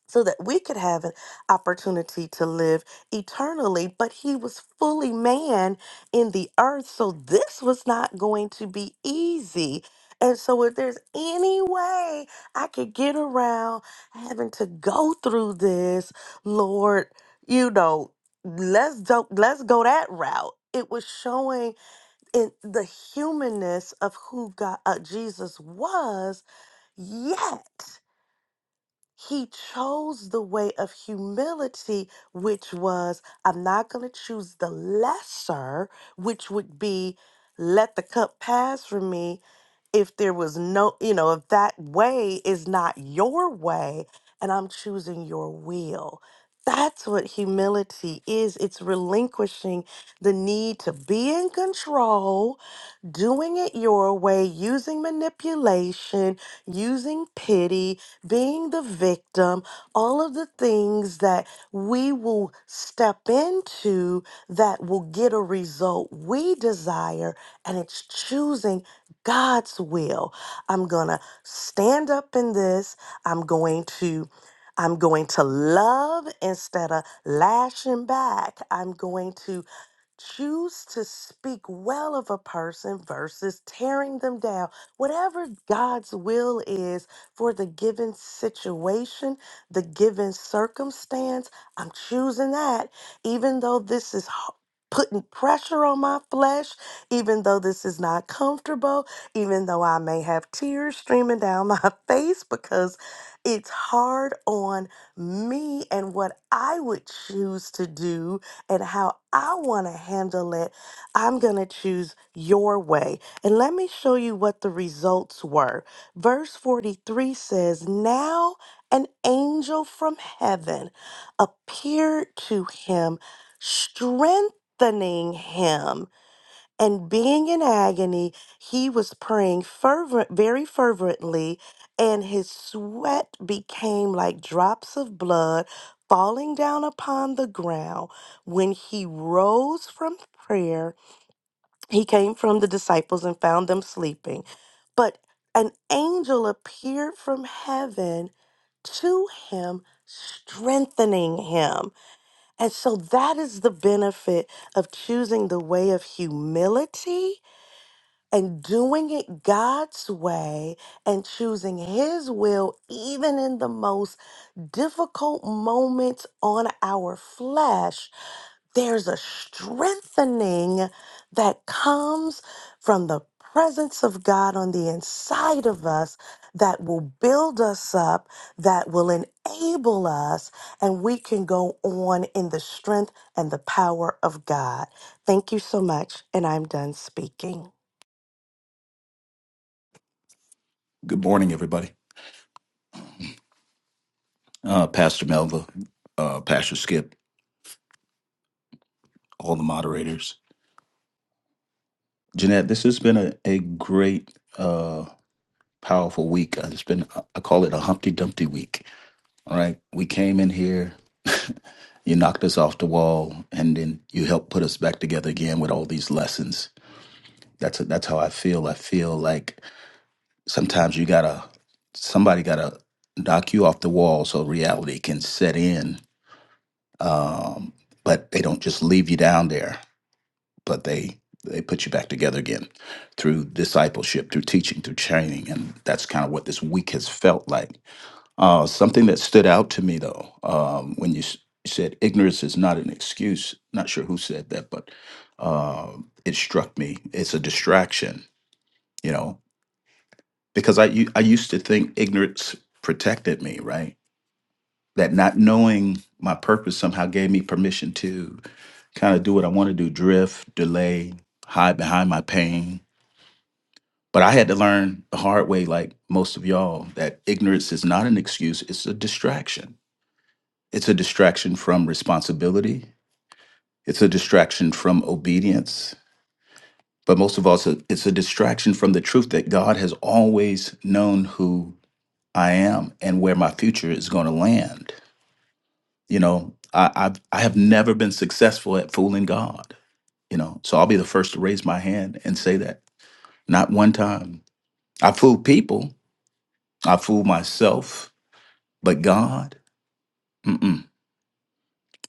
Speaker 8: so that we could have an opportunity to live eternally. But he was fully man in the earth, so this was not going to be easy. And so, if there's any way I could get around having to go through this, Lord, you know, let's do, let's go that route. It was showing in the humanness of who God, uh, Jesus was, yet. He chose the way of humility, which was, I'm not going to choose the lesser, which would be, let the cup pass from me if there was no, you know, if that way is not your way and I'm choosing your will. That's what humility is. It's relinquishing the need to be in control doing it your way, using manipulation, using pity, being the victim, all of the things that we will step into that will get a result we desire, and it's choosing God's will. I'm going to stand up in this. I'm going to I'm going to love instead of lashing back. I'm going to Choose to speak well of a person versus tearing them down. Whatever God's will is for the given situation, the given circumstance, I'm choosing that. Even though this is h- putting pressure on my flesh, even though this is not comfortable, even though I may have tears streaming down my face because it's hard on me and what I would choose to do and how I want to handle it, I'm going to choose your way. And let me show you what the results were. Verse 43 says, Now an angel from heaven appeared to him, strengthening him and being in agony, he was praying fervent, very fervently, and his sweat became like drops of blood falling down upon the ground. When he rose from prayer, he came from the disciples and found them sleeping. But an angel appeared from heaven to him, strengthening him. And so that is the benefit of choosing the way of humility and doing it God's way and choosing His will, even in the most difficult moments on our flesh, there's a strengthening that comes from the presence of God on the inside of us that will build us up, that will enable us, and we can go on in the strength and the power of God. Thank you so much, and I'm done speaking.
Speaker 11: Good morning, everybody. Uh, Pastor Melva, uh, Pastor Skip, all the moderators. Jeanette, this has been a, a great, uh, powerful week. Uh, It's been, uh, I call it a Humpty Dumpty week. All right. We came in here, you knocked us off the wall, and then you helped put us back together again with all these lessons. That's, that's how I feel. I feel like sometimes you gotta, somebody gotta knock you off the wall so reality can set in. Um, but they don't just leave you down there but they they put you back together again through discipleship, through teaching, through training, and that's kind of what this week has felt like. Uh, something that stood out to me though, um, when you s- said ignorance is not an excuse. Not sure who said that, but uh, it struck me. It's a distraction, you know, because I u- I used to think ignorance protected me, right? That not knowing my purpose somehow gave me permission to kind of do what I want to do, drift, delay, hide behind my pain But I had to learn the hard way, like most of y'all, that ignorance is not an excuse, it's a distraction. It's a distraction from responsibility, it's a distraction from obedience, but most of all, it's a, it's a distraction from the truth that God has always known who I am and where my future is going to land. You know, I, I've, I have never been successful at fooling God, you know, so I'll be the first to raise my hand and say that. Not one time. I fooled people, I fooled myself But God, mm-mm,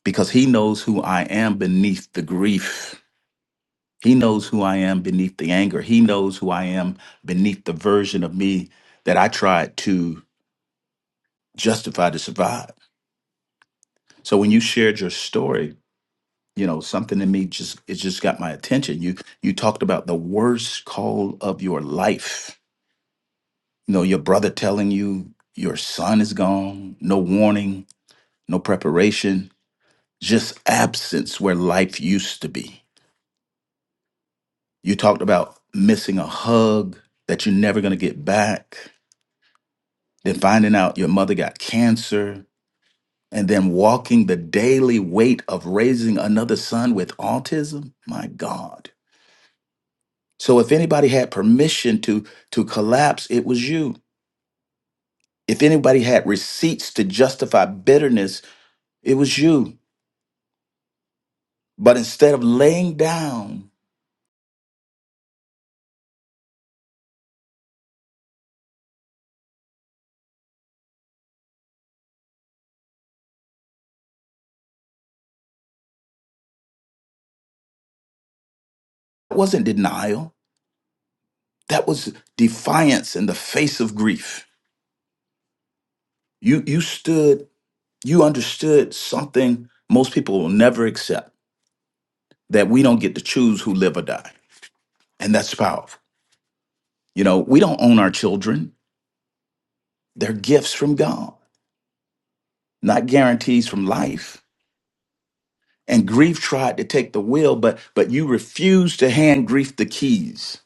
Speaker 11: because He knows who I am beneath the grief. He knows who I am beneath the anger. He knows who I am beneath the version of me that I tried to justify to survive. So when you shared your story, you know something in me just it just got my attention. You you talked about the worst call of your life. You know your brother telling you your son is gone, no warning, no preparation, just absence where life used to be You talked about missing a hug that you're never going to get back, then finding out your mother got cancer, and then walking the daily weight of raising another son with autism. My God. So if anybody had permission to to collapse, it was you. If anybody had receipts to justify bitterness, it was you. But instead of laying down, that wasn't denial. That was defiance in the face of grief. You you stood You understood something most people will never accept that we don't get to choose who live or die. And that's powerful. You know, we don't own our children, they're gifts from God, not guarantees from life. And grief tried to take the will, but but you refused to hand grief the keys.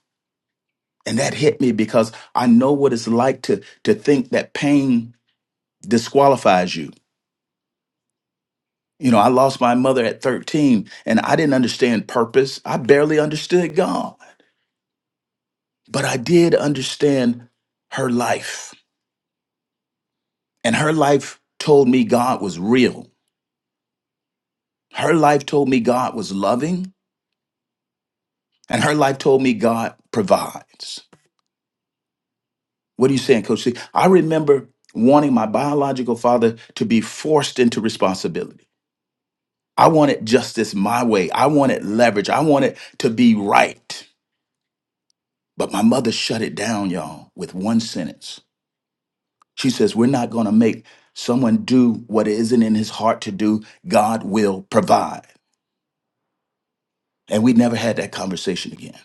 Speaker 11: And that hit me because I know what it's like to to think that pain disqualifies you. You know, I lost my mother at 13 and I didn't understand purpose. I barely understood God. But I did understand her life. And her life told me God was real. Her life told me God was loving. And her life told me God provides. What are you saying, Coach C? I remember wanting my biological father to be forced into responsibility. I wanted justice my way. I wanted leverage. I wanted to be right. But my mother shut it down, y'all, with one sentence She says, We're not going to make someone do what isn't in his heart to do. God will provide. And we never had that conversation again.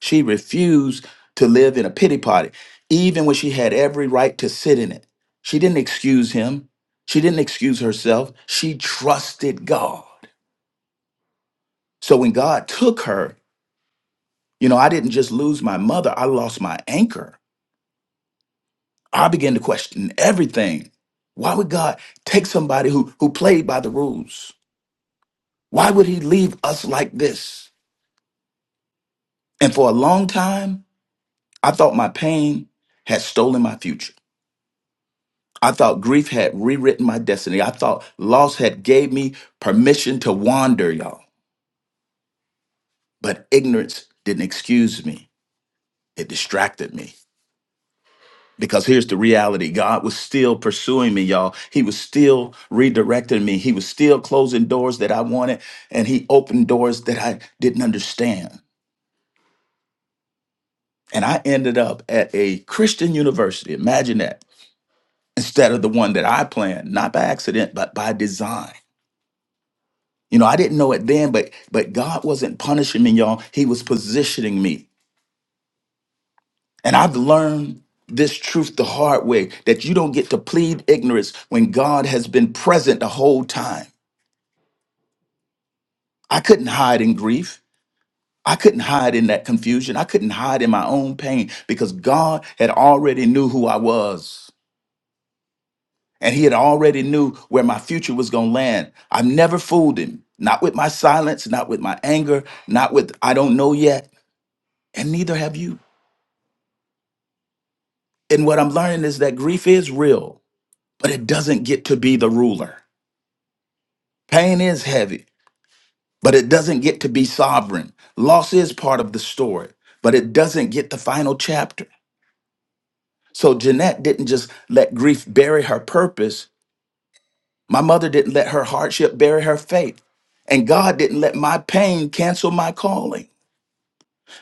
Speaker 11: She refused to live in a pity party, even when she had every right to sit in it. She didn't excuse him, she didn't excuse herself. She trusted God. So when God took her, you know, I didn't just lose my mother, I lost my anchor. I began to question everything. Why would God take somebody who, who played by the rules? Why would he leave us like this? And for a long time, I thought my pain had stolen my future. I thought grief had rewritten my destiny. I thought loss had gave me permission to wander, y'all. But ignorance didn't excuse me. It distracted me. Because here's the reality. God was still pursuing me, y'all. He was still redirecting me. He was still closing doors that I wanted, and he opened doors that I didn't understand. And I ended up at a Christian university. Imagine that instead of the one that I planned, not by accident, but by design. You know, I didn't know it then, but but God wasn't punishing me, y'all. He was positioning me. And I've learned this truth the hard way that you don't get to plead ignorance when God has been present the whole time. I couldn't hide in grief. I couldn't hide in that confusion. I couldn't hide in my own pain because God had already knew who I was. and he had already knew where my future was going to land. I've never fooled him, not with my silence, not with my anger, not with I don't know yet, and neither have you. And what I'm learning is that grief is real, but it doesn't get to be the ruler. Pain is heavy, but it doesn't get to be sovereign. Loss is part of the story, but it doesn't get the final chapter. So Jeanette didn't just let grief bury her purpose. My mother didn't let her hardship bury her faith, and God didn't let my pain cancel my calling.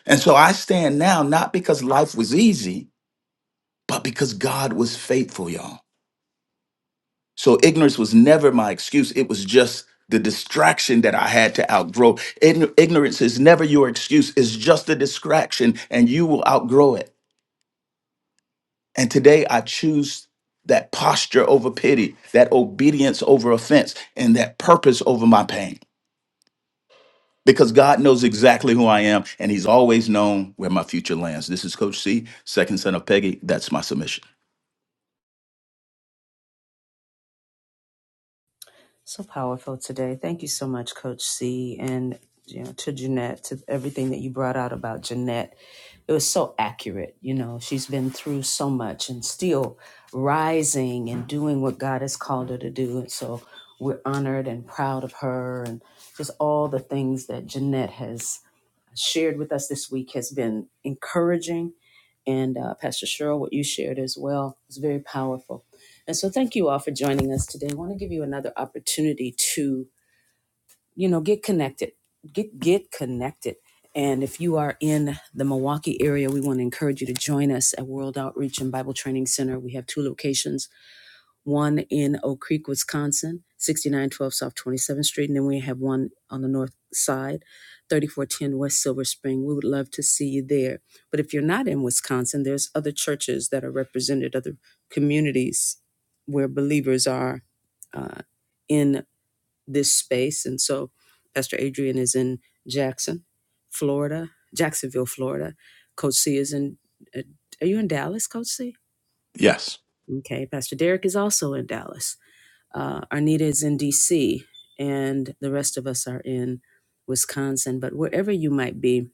Speaker 11: And so I stand now not because life was easy, but because God was faithful, y'all. So ignorance was never my excuse, it was just the distraction that I had to outgrow. Ign- Ignorance is never your excuse, it's just a distraction, and you will outgrow it. And today I choose that posture over pity, that obedience over offense, and that purpose over my pain. because God knows exactly who I am and He's always known where my future lands. This is Coach C, second son of Peggy. That's my submission.
Speaker 1: So powerful today. Thank you so much, Coach C, and you know, to Jeanette, to everything that you brought out about Jeanette. It was so accurate. You know, she's been through so much and still rising and doing what God has called her to do. And so we're honored and proud of her and just all the things that Jeanette has shared with us this week has been encouraging. And uh, Pastor Cheryl, what you shared as well was very powerful. And so thank you all for joining us today. I want to give you another opportunity to, you know, get connected, get, get connected. And if you are in the Milwaukee area, we want to encourage you to join us at World Outreach and Bible Training Center. We have two locations one in Oak Creek, Wisconsin, 6912 South 27th Street. And then we have one on the north side, 3410 West Silver Spring. We would love to see you there. But if you're not in Wisconsin, there's other churches that are represented, other communities where believers are uh, in this space. And so Pastor Adrian is in Jackson, Florida, Jacksonville, Florida. Coach C is in, uh, are you in Dallas, Coach C?
Speaker 11: Yes.
Speaker 1: Okay, Pastor Derek is also in Dallas. Uh, Arnita is in DC, and the rest of us are in Wisconsin. But wherever you might be,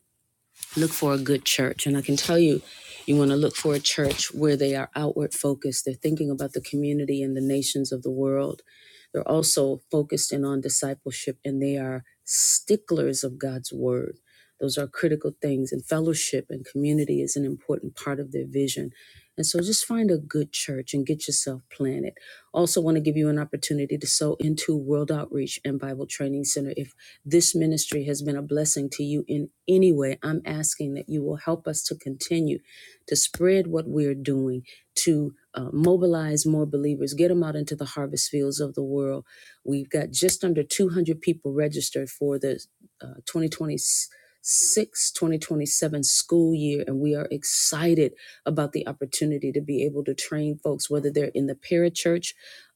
Speaker 1: look for a good church. And I can tell you, you want to look for a church where they are outward focused. They're thinking about the community and the nations of the world. They're also focused in on discipleship and they are sticklers of God's word. Those are critical things, and fellowship and community is an important part of their vision. And so just find a good church and get yourself planted. Also, want to give you an opportunity to sow into World Outreach and Bible Training Center if this ministry has been a blessing to you in any way, I'm asking that you will help us to continue to spread what we're doing, to uh, mobilize more believers, get them out into the harvest fields of the world. We've got just under 200 people registered for the uh, 2026 school year, and we are excited about the opportunity to be able to train folks, whether they're in the parachurch,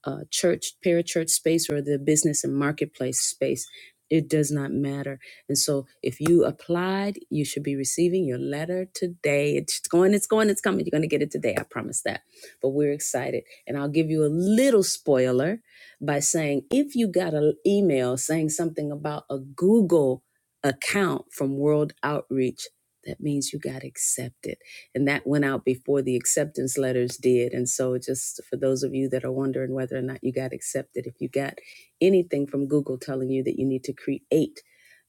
Speaker 1: uh, church, parachurch space or the business and marketplace space it does not matter. And so if you applied, you should be receiving your letter today. It's going, it's going, it's coming. You're going to get it today. I promise that. But we're excited. And I'll give you a little spoiler by saying if you got an email saying something about a Google account from World Outreach, that means you got accepted. And that went out before the acceptance letters did. And so, just for those of you that are wondering whether or not you got accepted, if you got anything from Google telling you that you need to create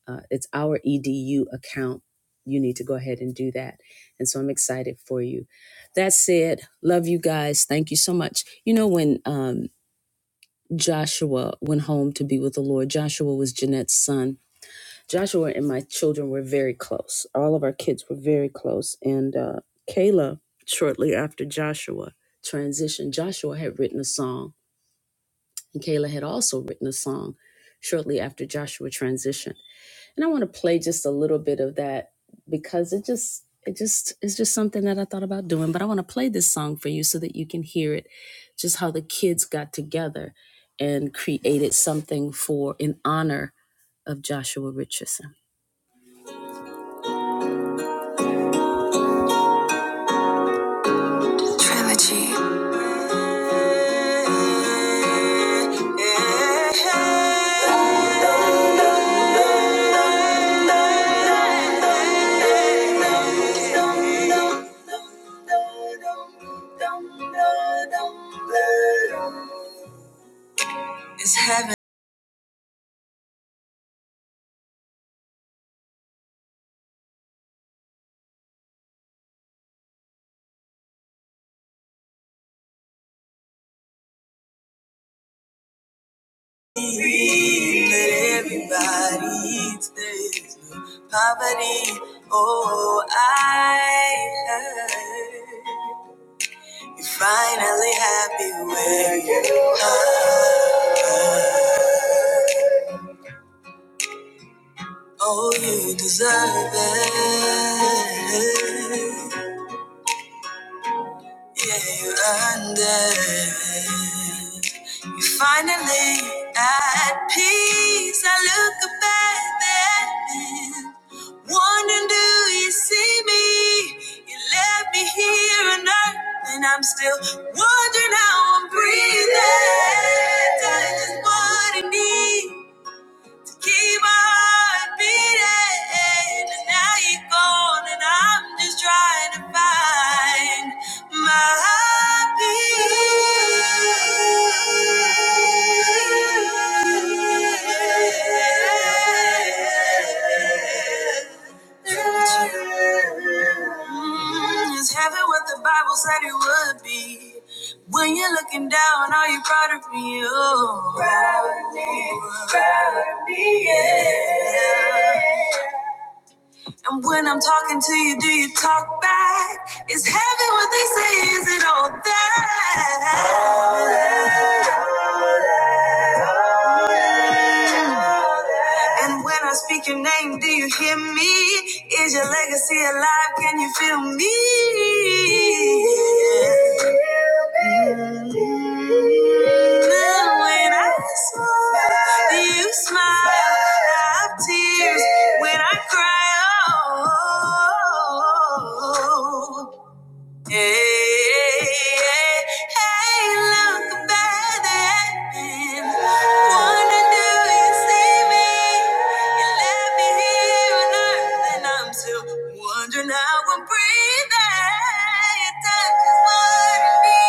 Speaker 1: uh, it's our edu account. You need to go ahead and do that. And so I'm excited for you. That said, love you guys. Thank you so much. You know, when um, Joshua went home to be with the Lord, Joshua was Jeanette's son. Joshua and my children were very close. All of our kids were very close. And uh, Kayla, shortly after Joshua transitioned, Joshua had written a song and Kayla had also written a song shortly after Joshua transitioned. And I want to play just a little bit of that because it just it just it's just something that I thought about doing. But I want to play this song for you so that you can hear it, just how the kids got together and created something for in honor of Joshua Richardson. Let everybody eat. There's no poverty. Oh, I heard. You're Finally happy where you are. Oh, you deserve it. Yeah, you earned it. You're Finally at peace, I look back at the Wondering, do you see me? You left me here on earth, and I'm still wondering how I'm breathing. Telling just what I need. Keep my heart beating, and now you're gone, and I'm just trying to find my peace. Mm, It's heaven what the Bible said it would be. When you're looking down, are you proud of me? Oh. Proud of me, proud of me, yeah. And when I'm talking to you, do you talk back? Is heaven what they say? Is it all that? And when I speak your name, do you hear me? Is your legacy alive? Can you feel me? Now when I smile, do you smile? I have tears when I cry. Oh, Hey, hey, hey, look about that man. Wonder do you see me? You left me here on earth, and I'm still wondering how I'm breathing. Your touch is warming me.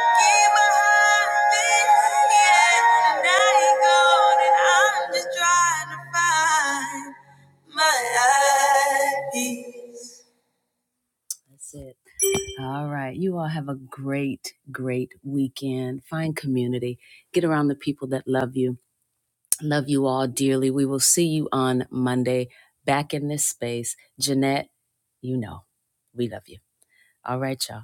Speaker 1: Keep my heart beating, yeah. And now you're gone, and I'm just trying to find my happy. That's it. All right. You all have a great, great weekend. Find community. Get around the people that love you. Love you all dearly. We will see you on Monday back in this space. Jeanette, you know, we love you. All right, y'all.